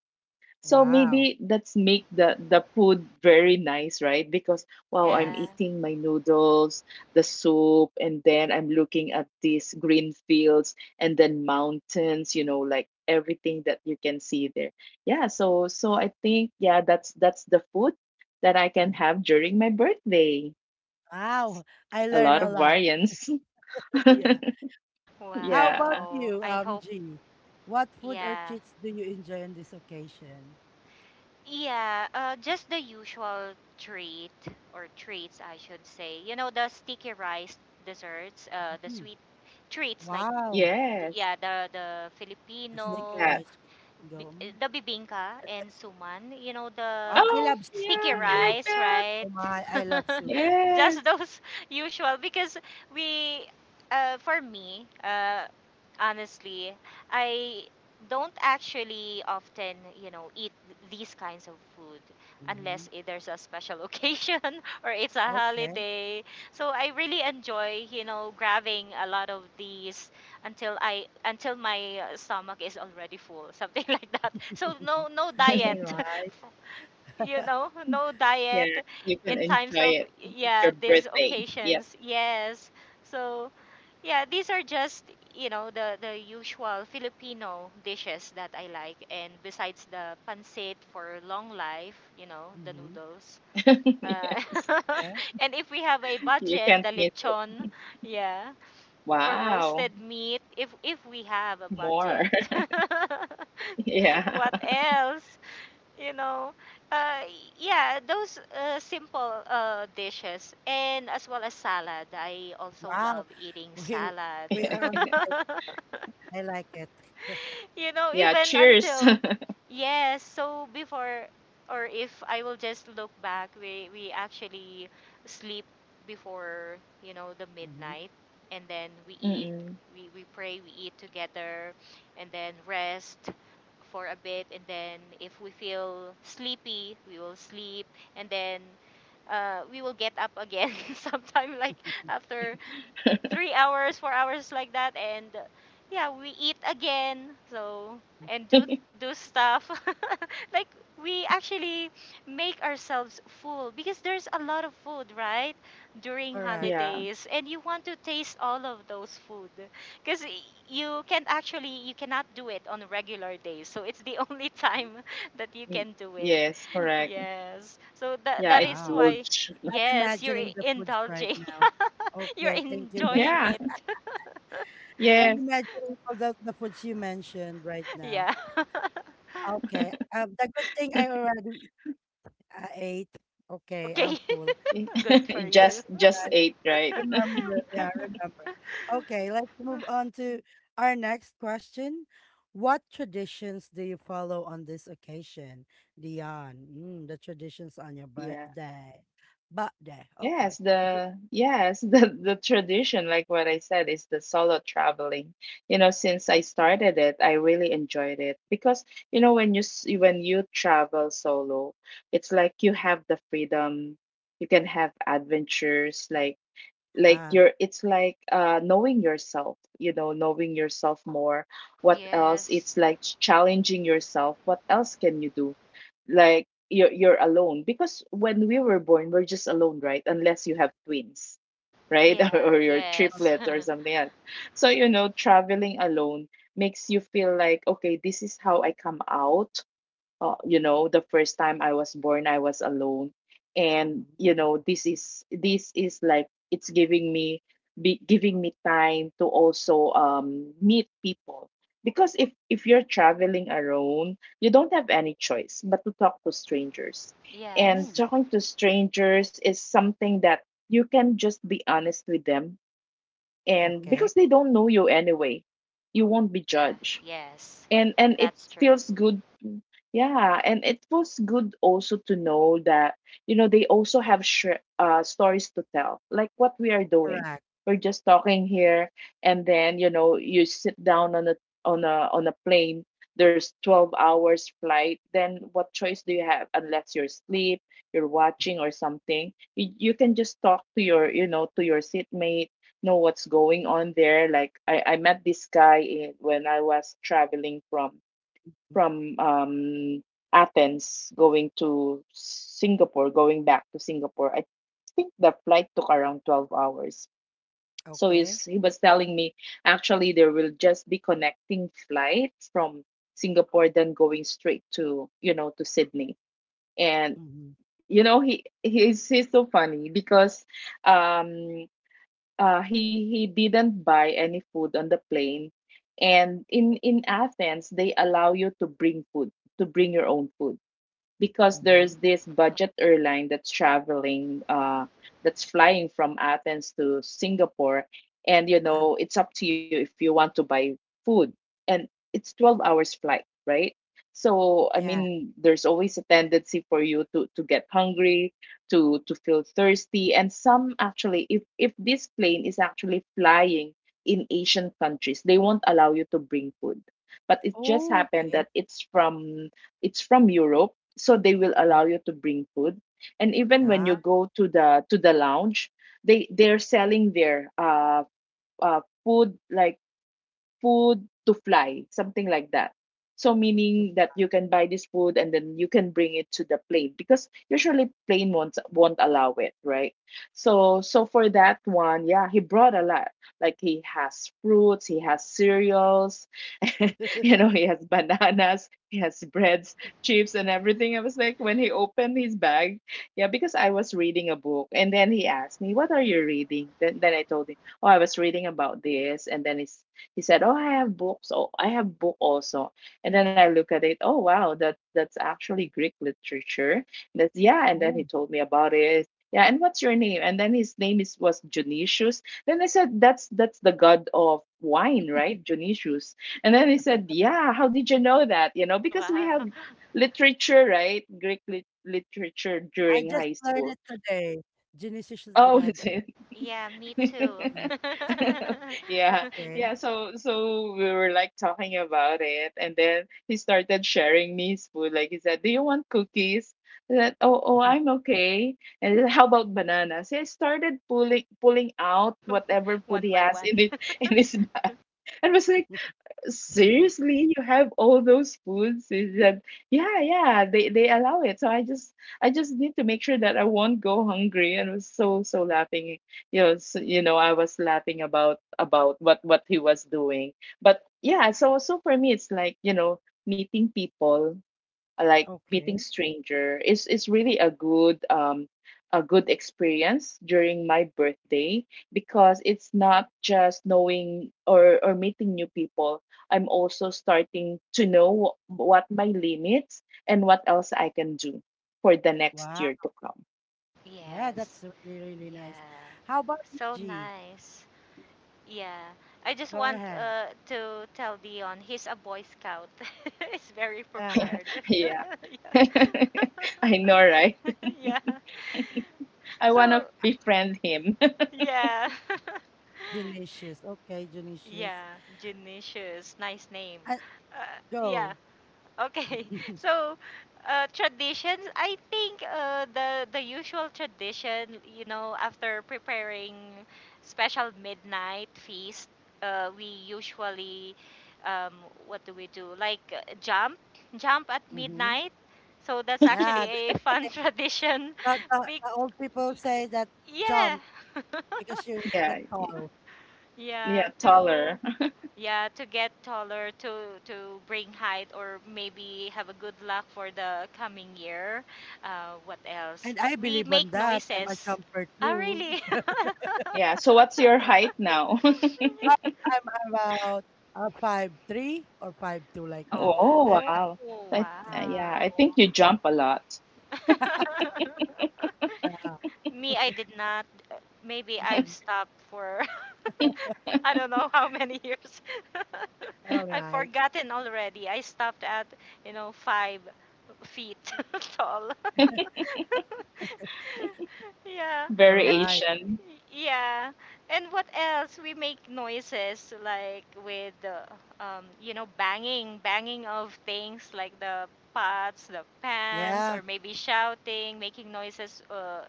So
Wow.
maybe that's make the food very nice, right? Because wow, I'm
Yeah.
Yes.
eating my noodles, the soup, and then I'm looking at these green fields and then mountains, you know, like everything that you can see there. Yeah, so so I think yeah, that's the food that I can
Mm.
have during my birthday.
Wow. I
A
learn
lot
a
of
lot.
variants.
Yeah. How
Yeah.
about
Wow.
you,
I hope,
G? What food or
yeah.
treats do you enjoy on this occasion?
Yeah, just the usual treat or treats, I should say. You know, the sticky rice desserts, the
Mhm.
sweet treats like,
Wow.
Yes.
yeah, the
The
That.
sticker
Filipino
rice with mango. Mm.
the bibingka and suman, you know,
Wow.
the
I
Oh,
love soup.
sticky
Oh
yeah, I
my.
like
rice,
that.
right?
Oh my. I love soup.
Just
Yes.
those usual because we for me, honestly, I don't actually often, you know, eat these kinds of food
Mhm.
unless there's a special occasion or it's a
Okay.
holiday. So I really enjoy, you know, grabbing a lot of these until I until my stomach is already full, something like that. So no no diet,
All right.
you know, no diet
Yeah, you can
in times
enjoy
of
it. It's
yeah
your
these
birthday. Yep.
occasions. Yes, so yeah, these are just, you know, the usual Filipino dishes that I like, and besides the pancit for long life, you know, the
Mhm.
noodles.
Yes.
Uh,
Okay.
and if we have a
You
budget,
can't
the
miss it.
lechon, yeah or
Wow.
roasted meat if we have a
More.
budget.
Yeah.
What else? You know, uh, yeah, those simple dishes, and as well as salad. I also
Wow.
love eating
We
salad.
are on the same. I like it.
You know,
Yeah,
even
cheers.
until yes, so before or if I will just look back, we actually sleep before, you know, the
Mhm.
midnight, and then we eat,
Mm-mm.
we pray, we eat together and then rest for a bit, and then if we feel sleepy, we will sleep and then we will get up again sometime like after 3 hours, 4 hours like that, and yeah, we eat again. So
Mm.
and do do stuff like we actually make ourselves full because there's a lot of food right during
Correct.
Yeah.
holidays, and you want to taste all of those food because you can actually you cannot do it on regular days, so it's the only time that you
Mm,
can do it.
yes, correct.
Yes, so that
Yeah,
that is
Wow.
why,
indulge.
I'm
yes, you're
imagining the foods right
indulging.
now.
You're
Okay. Thank you,
enjoying
Yeah.
guys.
it.
I'm
Yes.
imagining all the foods you mentioned right now.
Yeah.
Okay. The good thing I already ate. Okay, I'm
Okay.
full.
Good for
Yeah,
you.
Just
I
ate, right?
remember. Yeah, I remember. Okay, let's move on to our next question. What traditions do you follow on this occasion, Dion? Mm, the traditions on your
Yeah.
birthday. Birthday. Okay.
Yes, the tradition, like what I said, is the solo traveling. You know, since I started it, I really enjoyed it because you know when when you travel solo, it's like you have the freedom. You can have adventures, like
Ah.
you're, it's like knowing yourself, you know, knowing yourself more. What else?
Yes.
It's like challenging yourself, what else can you do? Like you're, alone, because when we were born, we're just alone, right? Unless you have twins, right?
Yeah,
Or your
yes.
triplets or something else. So you know, traveling alone makes you feel like, okay, this is how I come out. You know, the first time I was born, I was alone. And
Mm,
you know, this is, like, it's giving me giving me time to also meet people, because if you're traveling alone, you don't have any choice but to talk to strangers. And
mm,
Yes.
talking to strangers is something that you can just be honest with them, and
okay.
because they don't know you anyway, you won't be
Yeah,
judged,
yes.
and it
That's true.
feels good. Yeah, and it feels good also to know that, you know, they also have stories to tell, like what we are doing.
Correct.
We're just talking here, and then you know you sit down on a, on a plane. There's 12 hours flight, then what choice do you have, unless you're asleep, you're watching or something. You can just talk to your, you know, to your seatmate, know what's going on there. Like I met this guy when I was traveling from
Mm,
from um, Athens going to Singapore, going back to Singapore. I think the flight took around 12 hours. So
okay.
he was telling me actually there will just be connecting flights from Singapore then going straight to to Sydney. And
Mm-hmm.
you know he's so funny because um he didn't buy any food on the plane, and in athens they allow you to bring food, to bring your own food, because
Mm-hmm.
there's this budget airline that's traveling that's flying from Athens to Singapore. And you know
Ah,
it's up to you if you want to buy food. And it's 12 hours flight, right? So I
yeah.
mean there's always a tendency for you to get hungry, to feel thirsty. And some actually, if this plane is actually flying in asian countries, they won't allow you to bring food. But it just
Oh,
happened that
okay.
it's from Europe, so they will
Mm-hmm.
allow you to bring food. And even when you
Ah,
go to the lounge, they they're selling their food, like food to fly, something like that. So
good
meaning that you can buy this food and then you can bring it to the plane because usually plane won't allow it, right? So so for that one, yeah, he brought a lot. Like he has fruits, he has cereals, you know, he has bananas, he has breads, chips, and everything. I was like, when he opened his bag, yeah, because I was reading a book. And then he asked me, What are you reading? Then I told him, Oh, I was reading about this. And then he said, Oh, I have books. Oh, I have book also. And then I look at it, Oh, wow, that's actually Greek literature. That's, yeah. And then he
to.
told me about it. Yeah, and what's your name? And then his name is was Dionysius. Then I said, that's the god of wine, right? Dionysius." And then he said, Yeah, how did you know that? You know, because we
Wow.
have literature, right? Greek literature
I
during
just
high
learned
school.
it today. Genesis, is the
Oh,
Ginisishligad.
is it?
Yeah, me too.
Yeah,
Okay.
yeah so so we were like talking about it, and then he started sharing me his food. Like he said, do you want cookies? I said, oh, oh, I'm okay. And he said, how about bananas? He started pulling out whatever food
One
he
by
has in
one.
it in his bag, and was like, seriously, you have all those foods? Is that — yeah, yeah, they allow it, so I just, I just need to make sure that I won't go hungry. And I was so so laughing, you know. So I was laughing about what he was doing. But yeah, so so for me it's like, you know, meeting people, like meeting
Okay.
stranger is really a good experience during my birthday, because it's not just knowing or meeting new people. I'm also starting to know what my limits and what else I can do for the next year
Wow.
to come.
Yeah, that's
Yes.
really, really nice.
Yeah.
How about you,
So
G?
nice. Yeah. I just
Go
want
ahead.
to tell Dion he's a Boy Scout. He's very
Ah,
prepared.
Yeah.
Yeah.
I know, right?
Yeah.
I want to
So,
befriend him.
yeah.
Genesius. Okay, Genesius.
Yeah. Genicious. Nice name.
Uh,
Uh, yeah.
Go.
Okay. So, traditions, I think the usual tradition, you know, after preparing special midnight feast, we usually um, what do we do? Like jump, jump at
Mm-hmm.
midnight. So that's actually
Yeah,
a fun tradition.
the,
Big,
the old people say that
yeah.
jump because you get
Yeah, y-
tall.
yeah,
Yeah, to
taller.
yeah to get taller to bring height or maybe have a good luck for the coming year what else?
And I
We
believe
make
on that. I'm a
noises.
jumper
Oh
too.
really?
Yeah. So what's your height now?
I'm, I'm about 5'3" or 5'2" like that.
Oh,
I'm
Oh
not
wow. I,
certain.
yeah, I
wow.
think you jump a lot.
Me I did not. uh, Maybe I've
Mm,
stopped for I don't know how many years. I've
alright,
forgotten already. I stopped at you know 5 feet tall. Yeah, and w-
alright.
Variation.
yeah, and what else? We make noises like with the you know, banging of things like the pots, the pans,
Yeah.
or maybe shouting, making noises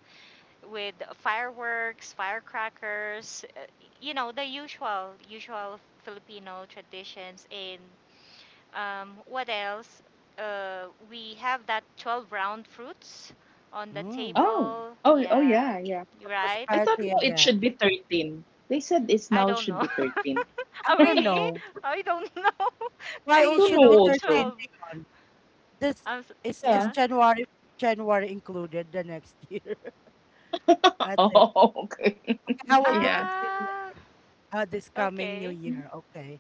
with fireworks, firecrackers. You know, the usual Filipino traditions in what else? We have that 12 round fruits on the
Mm.
Oh,
table.
oh, oh,
Yeah,
yeah, yeah.
you're
For
right.
I thought
prosperity
no, it
again.
should be 13. They said it's
I
now
don't
should
know.
be 13.
I
Oh,
don't
really?
know
I don't know.
I
I
why it
don't
only
know
should be
know
also.
13,
12.
Dion. This
I'm s
is
Yeah.
Yeah.
January. January included the next year, I think.
Oh, okay.
Okay, I will do
Yeah.
13
Ah,
this coming new
okay.
year. Okay.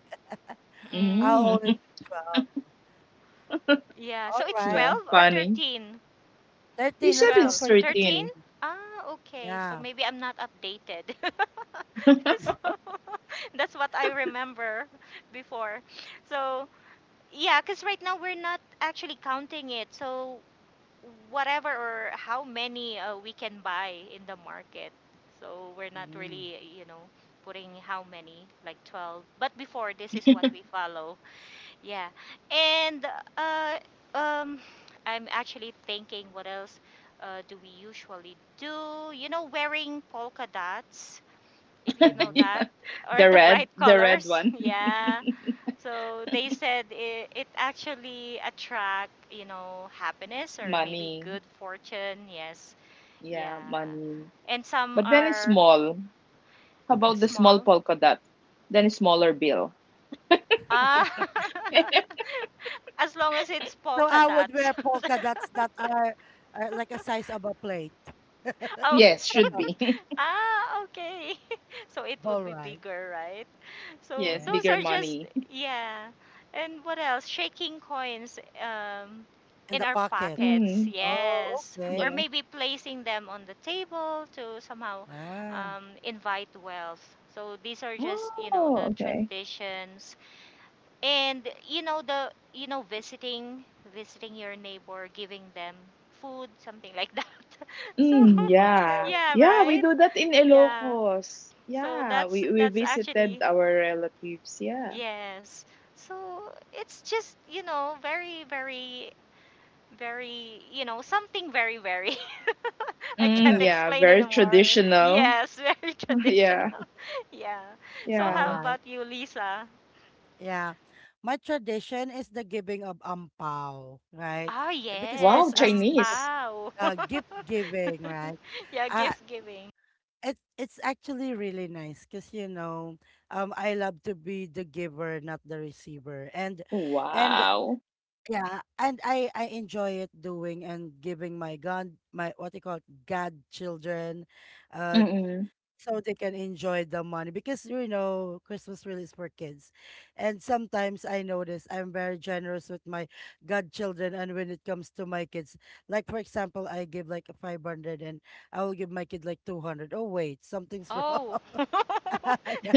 I'll
Mm.
Mm,
only do 12.
yeah,
All
so it's
right.
Yeah,
12 or
funny.
13?
You
13,
said
let's go
12,
it's
for
13.
13.
13.
Ah, okay. So
Yeah.
maybe I'm not updated. So that's what I remember before. So, yeah, because right now we're not actually counting it. So, whatever or how many we can buy in the market. So, we're not
Mm.
really, you know, putting how many, like 12. But before, this is what we follow. Yeah. And uh, um, I'm actually thinking what else do we usually do? You know, wearing polka dots, if you know
Mm-hmm.
that,
Yeah.
or the bright
The red
colors.
one.
Yeah. So they said it, it actually attract, you know, happiness or maybe
Money.
good fortune. Yes.
Yeah,
Yeah.
money.
And some
But then it's
are
small. How about the small
small.
polka dot? Then a smaller bill.
Ah, as long as it's
So
polka
I would
dots.
wear polka dots that are like a size of a plate.
Oh.
Yes, should be.
Ah, okay. So it would
All
be
right.
bigger, right? So
Yes,
Yeah.
those
bigger
are just
money.
yeah. And what else? Shaking coins
In
in
the
our
pocket.
pockets.
Mm,
Oh,
Yes. Or
okay.
yeah.
maybe placing them on the table to somehow
Yeah.
invite wealth. So these are just, you know,
Oh,
the
okay.
traditions. And you know, the you know visiting your neighbor, giving them food, something like that. So
Mm,
Mm,
yeah.
sharing.
yeah,
Yeah, we
right,
do that in
yeah,
Ilocos.
so
Yeah, we
that's
visited
actually
our relatives. Yeah.
yes, so it's just you know very, very, you know, something very. I can't
Mm, yeah,
explain
very
anymore.
traditional.
Yes. Very
Yeah.
traditional. Yeah, so
All
Yeah.
how
right.
about you, Lisa?
Yeah. My tradition is the giving of ampao, right?
Ah,
Because
Wow,
yes,
Christmas is the
Chinese.
ampao.
gift giving, right?
Yeah,
Uh,
gift giving.
it's actually really nice because you know, I love to be the giver, not the receiver, and and
Wow.
yeah, and I enjoy it doing and giving my god my what you call god children, uh,
Mm-mm.
so they can enjoy the money because you know Christmas really is for kids. And sometimes I notice I'm very generous with my godchildren and when it comes to my kids. Like for example, I give like a 500 and I will give my kid like 200. Oh wait, something's
Oh.
wrong. yeah.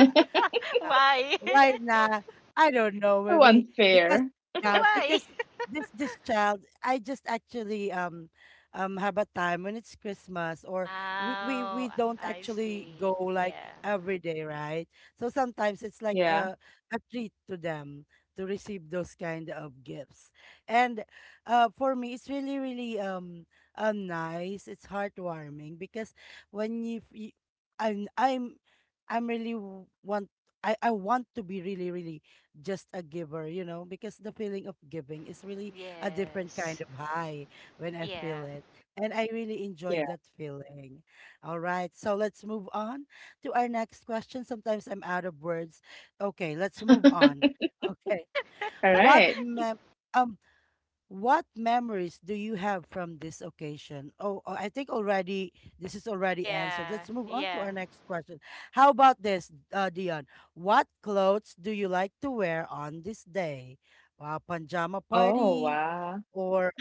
Yeah.
Why?
Right now, I don't know,
So
maybe because
unfair.
yeah,
Why?
because this child, I just actually have a time when it's Christmas or we
Oh,
don't
I
actually go
see.
like
Yeah.
every day, right? So sometimes it's like
Yeah.
a treat to them to receive those kind of gifts. And for me it's really really nice. It's heartwarming because when you I'm I'm I'm really want I want to be really, really just a giver, you know, because the feeling of giving is really a different kind
Yes.
of high when I
Yeah.
feel it. And I really enjoy
Yeah.
that feeling. All right. So let's move on to our next question. Sometimes I'm out of words. Okay. Let's move on. Okay.
All
What
right.
mem- um, what memories do you have from this occasion? Oh, oh, I think already this is already answered.
Yeah.
Let's move on to
Yeah.
our next question. How about this, Dion? What clothes do you like to wear on this day? Wow, pajama
Oh,
party
wow.
or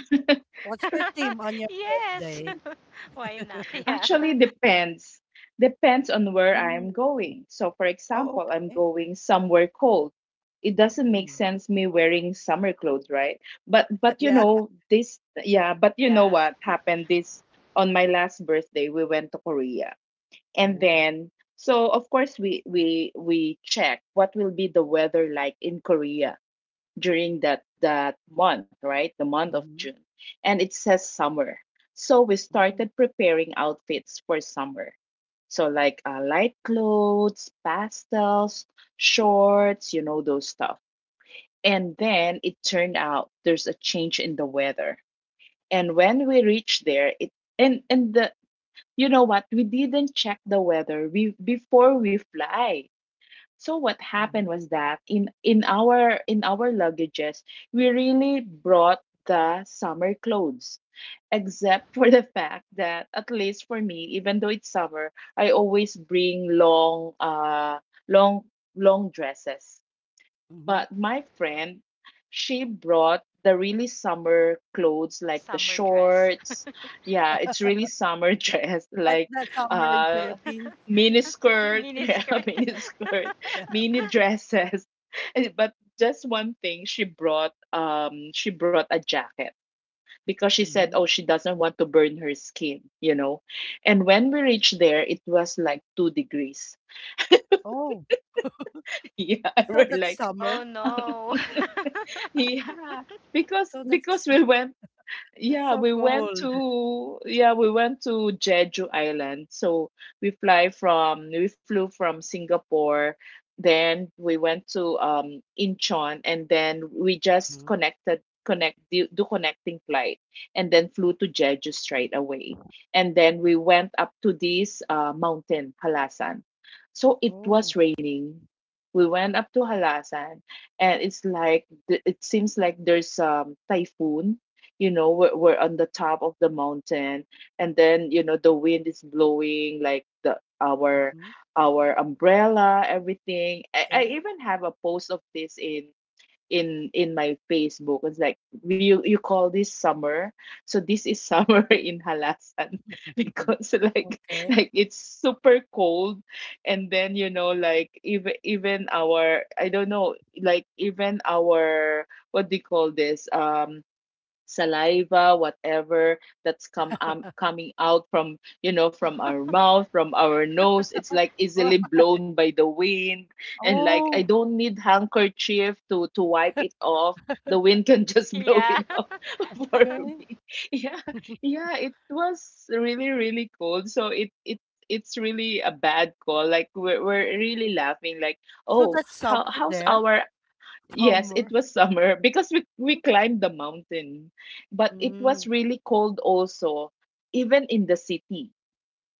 what's your theme on your
Yes.
birthday?
Why not?
Actually
Yeah.
depends. Depends on where
Mm.
I'm going. So for
Oh,
example, I'm
okay.
going somewhere cold. It doesn't make
Mm.
sense me wearing summer clothes, right? But but you
Yeah.
know this, yeah, but you know
Yeah.
what happened this on my last birthday, we went to Korea. And
Oh.
then, so of course we check what will be the weather like in korea during that month, right, the month of
Mm-hmm.
june, and it says summer. So we
Mm.
started preparing outfits for summer. So like, light clothes, pastels, shorts, you know, those stuff. And then it turned out there's a change in the weather. And when we reached there, it and the you know what? We didn't check the weather before we fly. So what happened
Mm-hmm.
was that in our luggages, we really brought the summer clothes. Except for the fact that at least for me, even though it's summer, I always bring long long dresses.
Mm-hmm.
But my friend, she brought the really summer clothes, like the
Summer dress.
shorts. Yeah, it's really summer dress,
Like
like
the summer in
uh
Philippines.
mini skirt,
Mini
yeah,
skirt.
mini skirt,
Yeah.
mini dresses. And- But just one thing, she brought a jacket because she said, "Oh,
Mm-hmm.
she doesn't want to burn her skin," you know. And when we reached there, it was like 2 degrees.
Oh,
Yeah,
so
we're
that's
like,
summer.
Oh no.
yeah, because
So
we went —
that's
yeah,
so
we went
cold.
to Jeju Island. So we fly from we flew from Singapore, then we went to Incheon, and then we just
Mhm.
do connecting flight, and then flew to Jeju straight away. And then we went up to this mountain, Halasan. So it was
Oh,
raining. We went up to Halasan, and it's like it seems like there's typhoon. You know, we're on the top of the mountain, and then you know the wind is blowing like the
mhm,
our umbrella, everything. I
okay.
even have a post of this in my facebook. It's like, you call this summer? So this is summer in halasan because like
Okay.
like it's super cold. And then you know, like even our, I don't know, like even our, what do you call this, saliva, whatever that's come coming out from, you know,
Oh.
from our mouth, from our nose, it's like
Wow.
easily blown by the wind. And like I
Oh,
don't need handkerchief to wipe it off. The wind can just blow
Yeah.
it off. For
okay.
me, yeah, yeah, it was really really cold. So it it's really a bad call. Like we're really laughing like,
So
oh,
that's summer
how's
there.
our — yes, it
Summer.
was summer because we climbed the mountain, but it was
Mm.
really cold also, even in the city.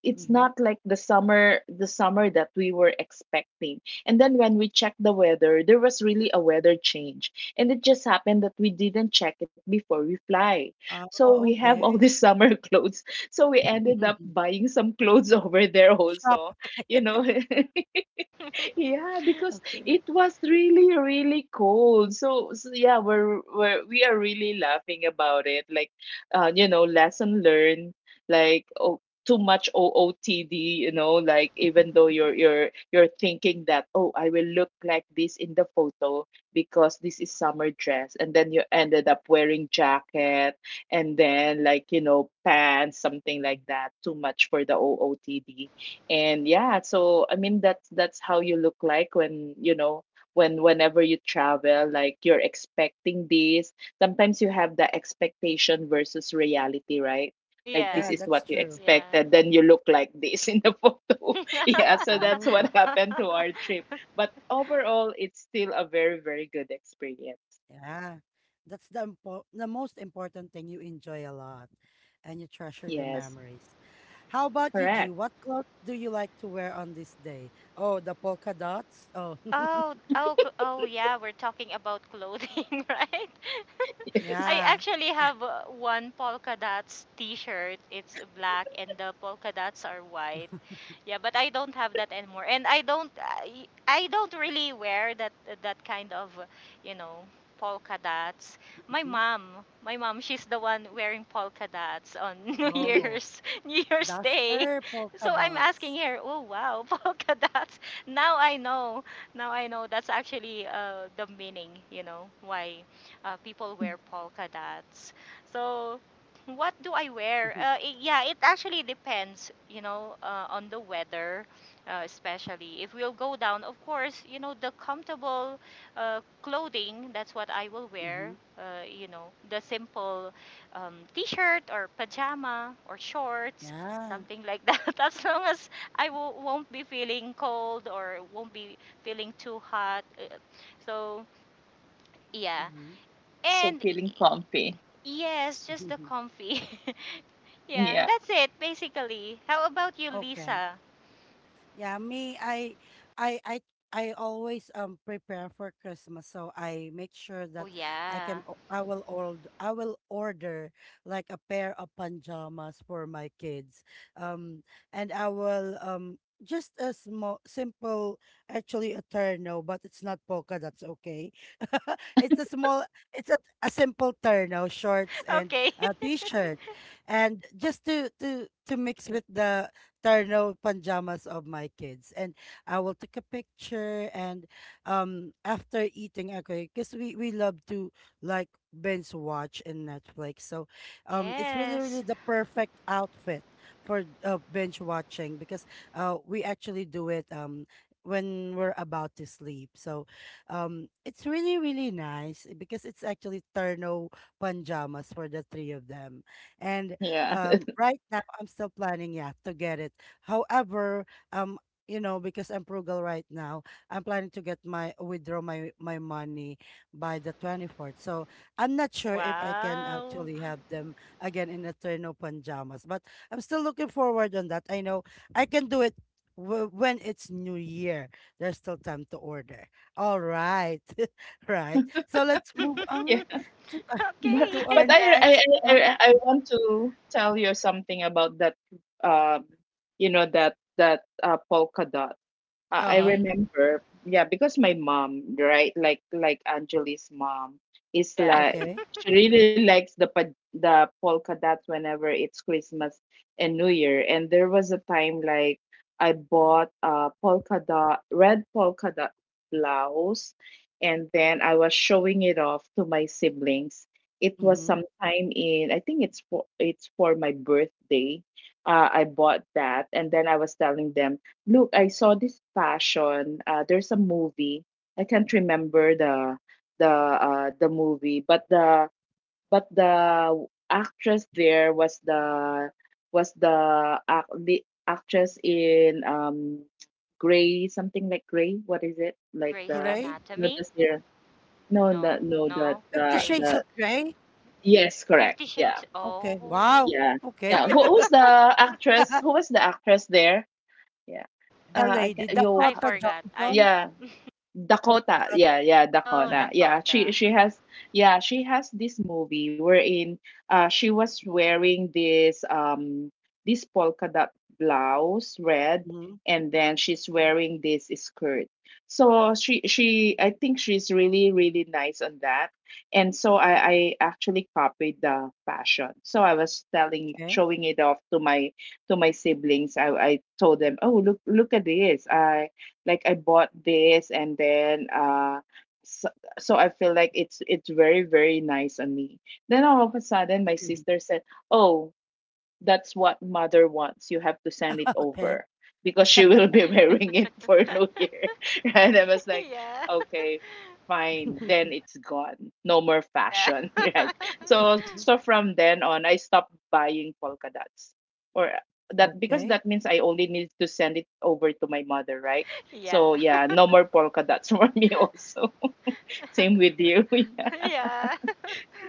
It's
Mm-hmm.
not like the summer that we were expecting. And then when we checked the weather, there was really a weather change. And it just happened that we didn't check it before we fly.
Ah,
So we have all
okay.
these summer clothes. So we ended up buying some clothes over there
Shop.
also, you know. Yeah, because
Okay.
it was really, really cold. So, so yeah, we're we are really laughing about it. Like, you know, lesson learned. Like, oh, too much OOTD. You know, like even though you're you're thinking that, oh, I will look like this in the photo because this is summer dress, and then you ended up wearing jacket, and then like, you know, pants, something like that. Too much for the OOTD. And yeah, so I mean that's how you look like when you know, when whenever you travel, like you're expecting this, sometimes you have the expectation versus reality, right? Like
Yeah.
Yeah,
this is
that's
what you
true.
Yeah.
expected, then you look like this in the photo. Yeah, so that's what happened to our trip, but overall it's still a very very good experience.
Yeah, that's the most important thing. You enjoy a lot and you treasure the
Yes,
memories. How about you,
correct.
G? What clothes do you like to wear on this day? Oh, the polka dots? Oh,
Oh, oh yeah, we're talking about clothing, right?
Yes.
I
yeah.
actually have one polka dots t-shirt. It's black and the polka dots are white. Yeah, but I don't have that anymore, and I don't really wear that that kind of, you know, polka dots. My
Mhm.
mom, my mom, she's the one wearing polka dots on
Oh,
New Year's Day.
duster polka
So I'm asking
dots.
her, oh wow, polka dots. Now I know, now I know that's actually the meaning, you know, why people wear polka dots. So what do I wear? I yeah, it actually depends, you know, on the weather, especially. If we'll go down, of course, you know, the comfortable clothing, that's what I will wear.
Mhm.
You know, the simple t shirt or pajama or shorts,
Yeah.
something like that. As long as won't be feeling cold or won't be feeling too hot. So, yeah.
Mhm.
So
And
feeling comfy.
Yes, just the comfy. Yeah,
Yeah.
that's it basically. How about you,
Okay.
Lisa?
Yeah, me, I, I, I always prepare for Christmas, so I make sure
Oh
that I
yeah.
can, I will order like a pair of pajamas for my kids, um, and I will just a small, simple, actually a terno, but it's not polka. That's okay. It's a small, it's a simple terno, shorts and
Okay.
a t-shirt, and just to mix with the terno pajamas of my kids and I will take a picture and after eating okay because we love to like binge watch in Netflix so it's really really
Yes.
the perfect outfit for binge watching because we actually do it when we're about to sleep so it's really really nice because it's actually terno pajamas for the three of them and
Yeah.
right now, I'm still planning, yeah, to get it. However, um, you know, because I'm frugal right now, I'm planning to get my withdraw my my money by the 24th. So I'm not sure if I can
Wow.
actually have them again in Eterno pajamas, but I'm still looking forward on that. I know I can do it w when it's New Year. There's still time to order. All right, right. So let's move on to uh,
But
to our
but I
Okay.
I I,
next.
I I want to tell you something about that, um you know, that polka dot. I
Uh-huh.
Okay.
remember, yeah, because my mom, right, like Angeli's mom, is
Yeah.
like,
Okay.
she really likes the the polka dots whenever it's Christmas and New Year. And there was a time like I bought a polka dot, red polka dot blouse, and then I was showing it off to my siblings. It was
Mm-hmm.
sometime in, I think it's for my birthday. I bought that, and then I was telling them, Look, I saw this fashion. There's a movie. I can't remember the the movie. But the actress there was the actress in Grey, something like Grey. What is it? Like
Grey's
the,
Grey?
you know, the
Anatomy?
series. No, no,
No.
no. The
No.
50
the
Shades
the
Grey's
of Grey?
yes, correct.
50
Yeah,
Shades.
Okay.
Oh.
Wow.
yeah,
Okay.
yeah. Who's the actress? Who was the actress there? Yeah.
The
Uh, I
lady,
can. Yo.
I
Dakota
forgot. I
Johnson.
Yeah.
Dakota
Dakota.
Johnson.
Yeah, yeah,
Oh,
Dakota. Yeah, she
Dakota.
she has yeah, she has this movie wherein she was wearing this this polka dot blouse, red,
Mm-hmm.
and then she's wearing this skirt. So she I think she's really really nice on that. And so I actually copied the fashion. So I was telling
Okay.
showing it off to my siblings. I told them, "Oh, look at this. I bought this and then so, so I feel like it's very very nice on me." Then all of a sudden my
Mhm.
sister said, "Oh, that's what mother wants. You have to send it
Okay.
over because she will be wearing it for New Year." And I was like,
Yeah.
okay, fine. Then it's gone. No more
Yeah.
fashion, right? So so from then on, I stopped buying polka dots, or that because
okay.
that means I only need to send it over to my mother, right?
Yeah.
So yeah, no more polka dots for me also. Same with you. Yeah.
Yeah.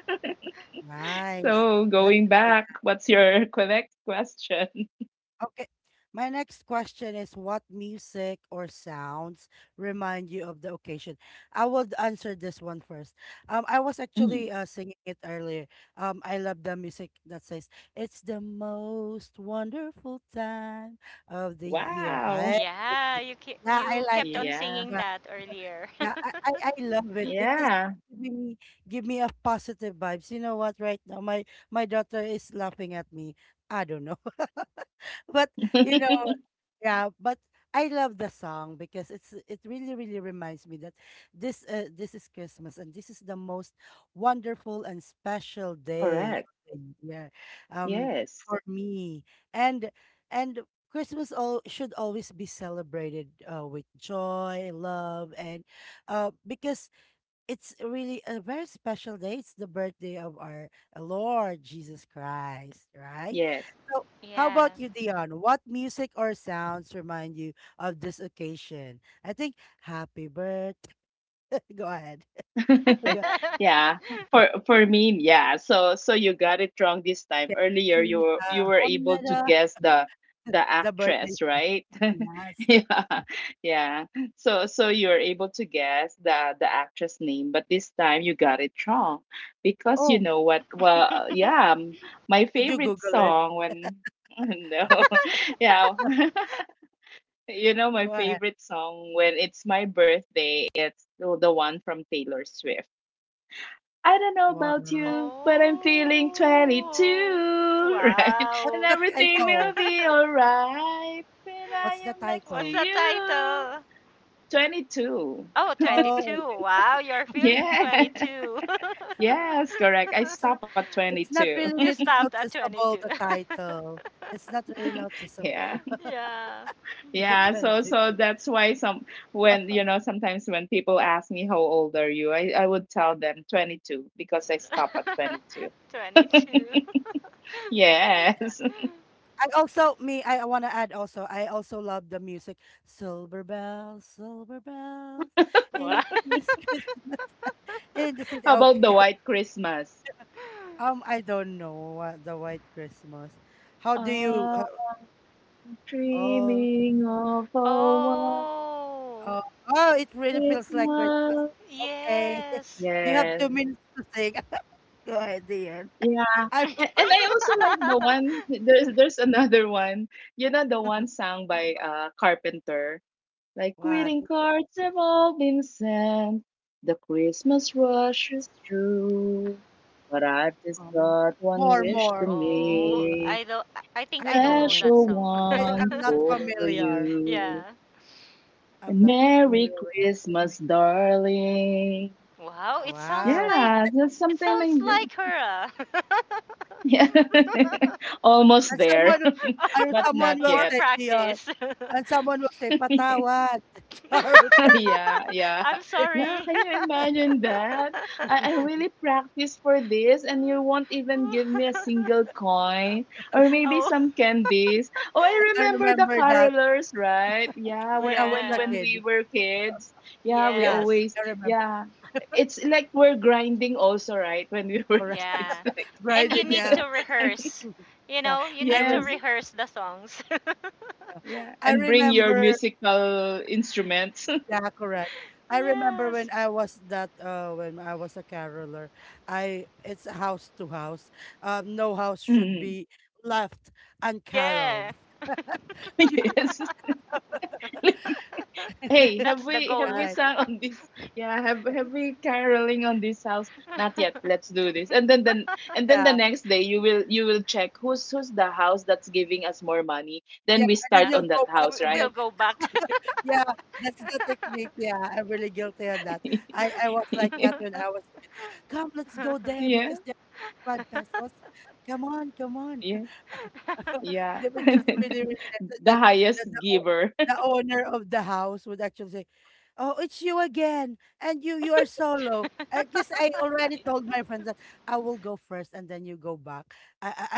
Nice.
So
That's
going back, what's your Quebec question?
okay. My next question is what music or sounds remind you of the occasion? I would answer this one first. I was actually
Mm.
singing it earlier. I love the music that says it's the most wonderful time of the year.
Wow.
Yeah,
Yeah, I
you
like
kept
it.
on
Yeah.
singing that earlier.
Yeah, I love it because it's
Yeah.
giving me give me a positive vibes. You know what? Right now, my daughter is laughing at me. I don't know, but you know. Yeah, but I love the song because it really really reminds me that this is Christmas and this is the most wonderful and special day
Correct.
of the year um
Yes.
for me and and Christmas all should always be celebrated with joy, love and because it's really a very special day. It's the birthday of our Lord Jesus Christ, right?
Yes.
So, how
Yeah.
about you, Dion? What music or sounds remind you of this occasion? I think happy birthday. Go ahead. Go ahead.
Yeah. For me, yeah. So so you got it wrong this time.
To
Earlier you were able to
Hamnada,
guess the
the birthday.
actress, right?
Oh, yes.
Yeah. Yeah. So so you're able to guess the actress name, but this time you got it wrong because you
Oh,
know what? Well, yeah, my
did you
favorite
Google it?
song when no. Yeah. You know, my
Go ahead.
favorite song when it's my birthday, it's the one from Taylor Swift. I don't know
What?
about you, but I'm feeling
Oh.
22, right?
What's
And
Wow.
the
everything
title?
will be all right when I
What's the
am next to
What's
title?
the
you.
title?
22.
Oh,
Oh,
22! Wow, you're feeling
Yeah.
22.
Yes, correct. I
okay.
stop at
It's not
22.
really
You
nit
stopped at
noticeable,
22.
the title. It's not really
Yeah.
noticeable.
Yeah.
It's a
Yeah, so so
22.
that's why some when you know sometimes when people ask me how old are you, I would tell them 22 because I stop at 22.
22.
Yes.
I also me, I wanna add also, I also love the music. Silver bells,
Wow.
it is Christmas in the city.
How about the
Okay,
White Christmas?
I don't know what the White Christmas. How do you?
I'm
Oh,
dreaming of a white
Oh,
oh, oh! It really feels like Christmas.
Christmas.
Okay,
yes.
you have
Yes.
2 minutes to sing. Go ahead, Ian.
Yeah.
I
And I also like the one, there's another one. You know the
mean,
one sung by Carpenter. Like
what?
greeting cards have all been sent, the Christmas rush is through. But I've just
Um,
got one
more,
wish to
more.
Oh,
make,
I don't I think
I
I don't know
don't.
that
special
song.
one
I'm not
for
familiar.
you.
Yeah.
I'm
And
not
Merry
familiar with.
Christmas, darling.
Wow,
Oh, wow.
Yeah, just
it
something
sounds
like that.
like her. Ah.
Yeah, almost
And
there,
someone, and
but
someone
not
will
More
yet.
say, Dion,
practice.
and someone will say, patawad. Charles.
Yeah, yeah.
I'm
Yeah,
sorry.
can you imagine that? I really practiced for this and you won't even give me a single coin or maybe
Oh.
some candies. Oh, I
I
remember the
remember that
carolers, right? Yeah,
when I was a
Yeah.
when we
kid.
were kids. Yeah, we
Yeah,
Yes.
always
I remember.
yeah. It's like we're grinding also, right? When we were
Correct.
kids.
Yeah.
Like
And
Right.
you need
Yeah.
to rehearse. You
Yeah.
know, you
I,
need to
re-
yes.
rehearse the songs.
yeah.
Yeah.
I
And bring your
remember.
musical instruments.
Yeah, correct. I remember when
Yes.
I was that when I was a caroler, I it's house to house. No house should
Mm.
be left uncaroled.
Yeah.
Yes. Hey, have
That's the
we have we
goal.
Right.
sung on this? Yeah, have we caroling on this house? Not yet. Let's do this. And then and then the
Yeah.
next day you will check who's the house that's giving us more money.
Yeah.
Then we
And then
start
Yeah.
you'll
on that
go back
house,
We-
right?
again.
we'll go back.
Yeah, that's the technique. Yeah, I'm really guilty of that. I was like that when I was a kid. Come, let's go there
Yeah,
because they're five pesos. Come on, come on.
yeah, yeah.
They were just really, really nice. And
The
then
highest
the, the, o-
giver.
the owner of the house would actually say, oh, it's you again. And you are solo. I guess I already told my friends that I will go first and then you go back. I, I,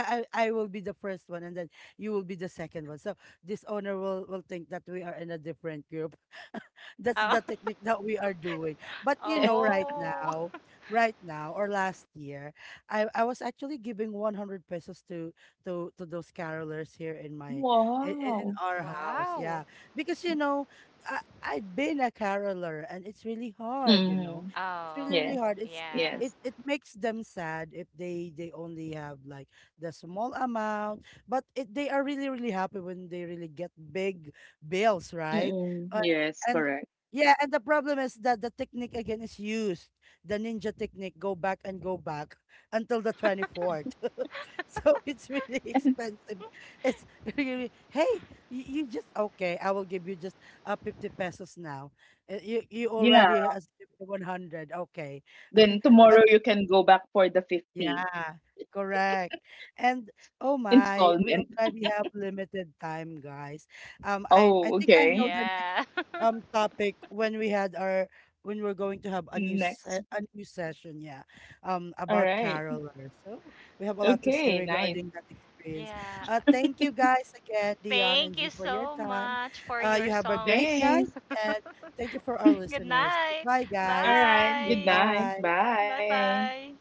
I will be the first one and then you will be the second one. So this owner will think that we are in a different group. That's
Oh.
the technique that we are doing. But you know, right
Oh.
now, right now or last year, I was actually giving 100 pesos to those carolers here in my in
Wow.
our house. Yeah,
Wow.
because you know, I I've been a caroler and it's really hard. You know,
Mm,
it's really
Oh,
really
yes,
hard.
yeah.
yes.
It makes them sad if they only have like the small amount but they are really, really happy when they really get big bills, right?
Mm-mm,
Uh,
yes,
and
correct.
yeah, and the problem is that the technique again is used. The ninja technique, go back and go back until the 24th. So it's really expensive. It's really, hey, you just, okay, I will give you just 50 pesos now. You, you
Yeah.
already has 50, 100, okay.
Then
But
tomorrow you can go back for the 50
yeah, correct. And oh my, we
installment.
already have limited time, guys. I
Oh,
think I
okay.
know the next
Yeah.
topic when we had our when we're going to have
Next.
a new session, yeah,
All
about
right.
carolers. So we have a lot to say
Okay, nice.
regarding that experience.
Yeah.
Thank you guys again, Dion and
Thank you
G, for your
so
time.
much for your
You have a great
songs.
Thanks.
night, and thank you for our
Good
listeners.
night.
Goodbye,
All
guys.
right. Good
Bye.
night.
Goodbye.
Bye
Bye.
bye.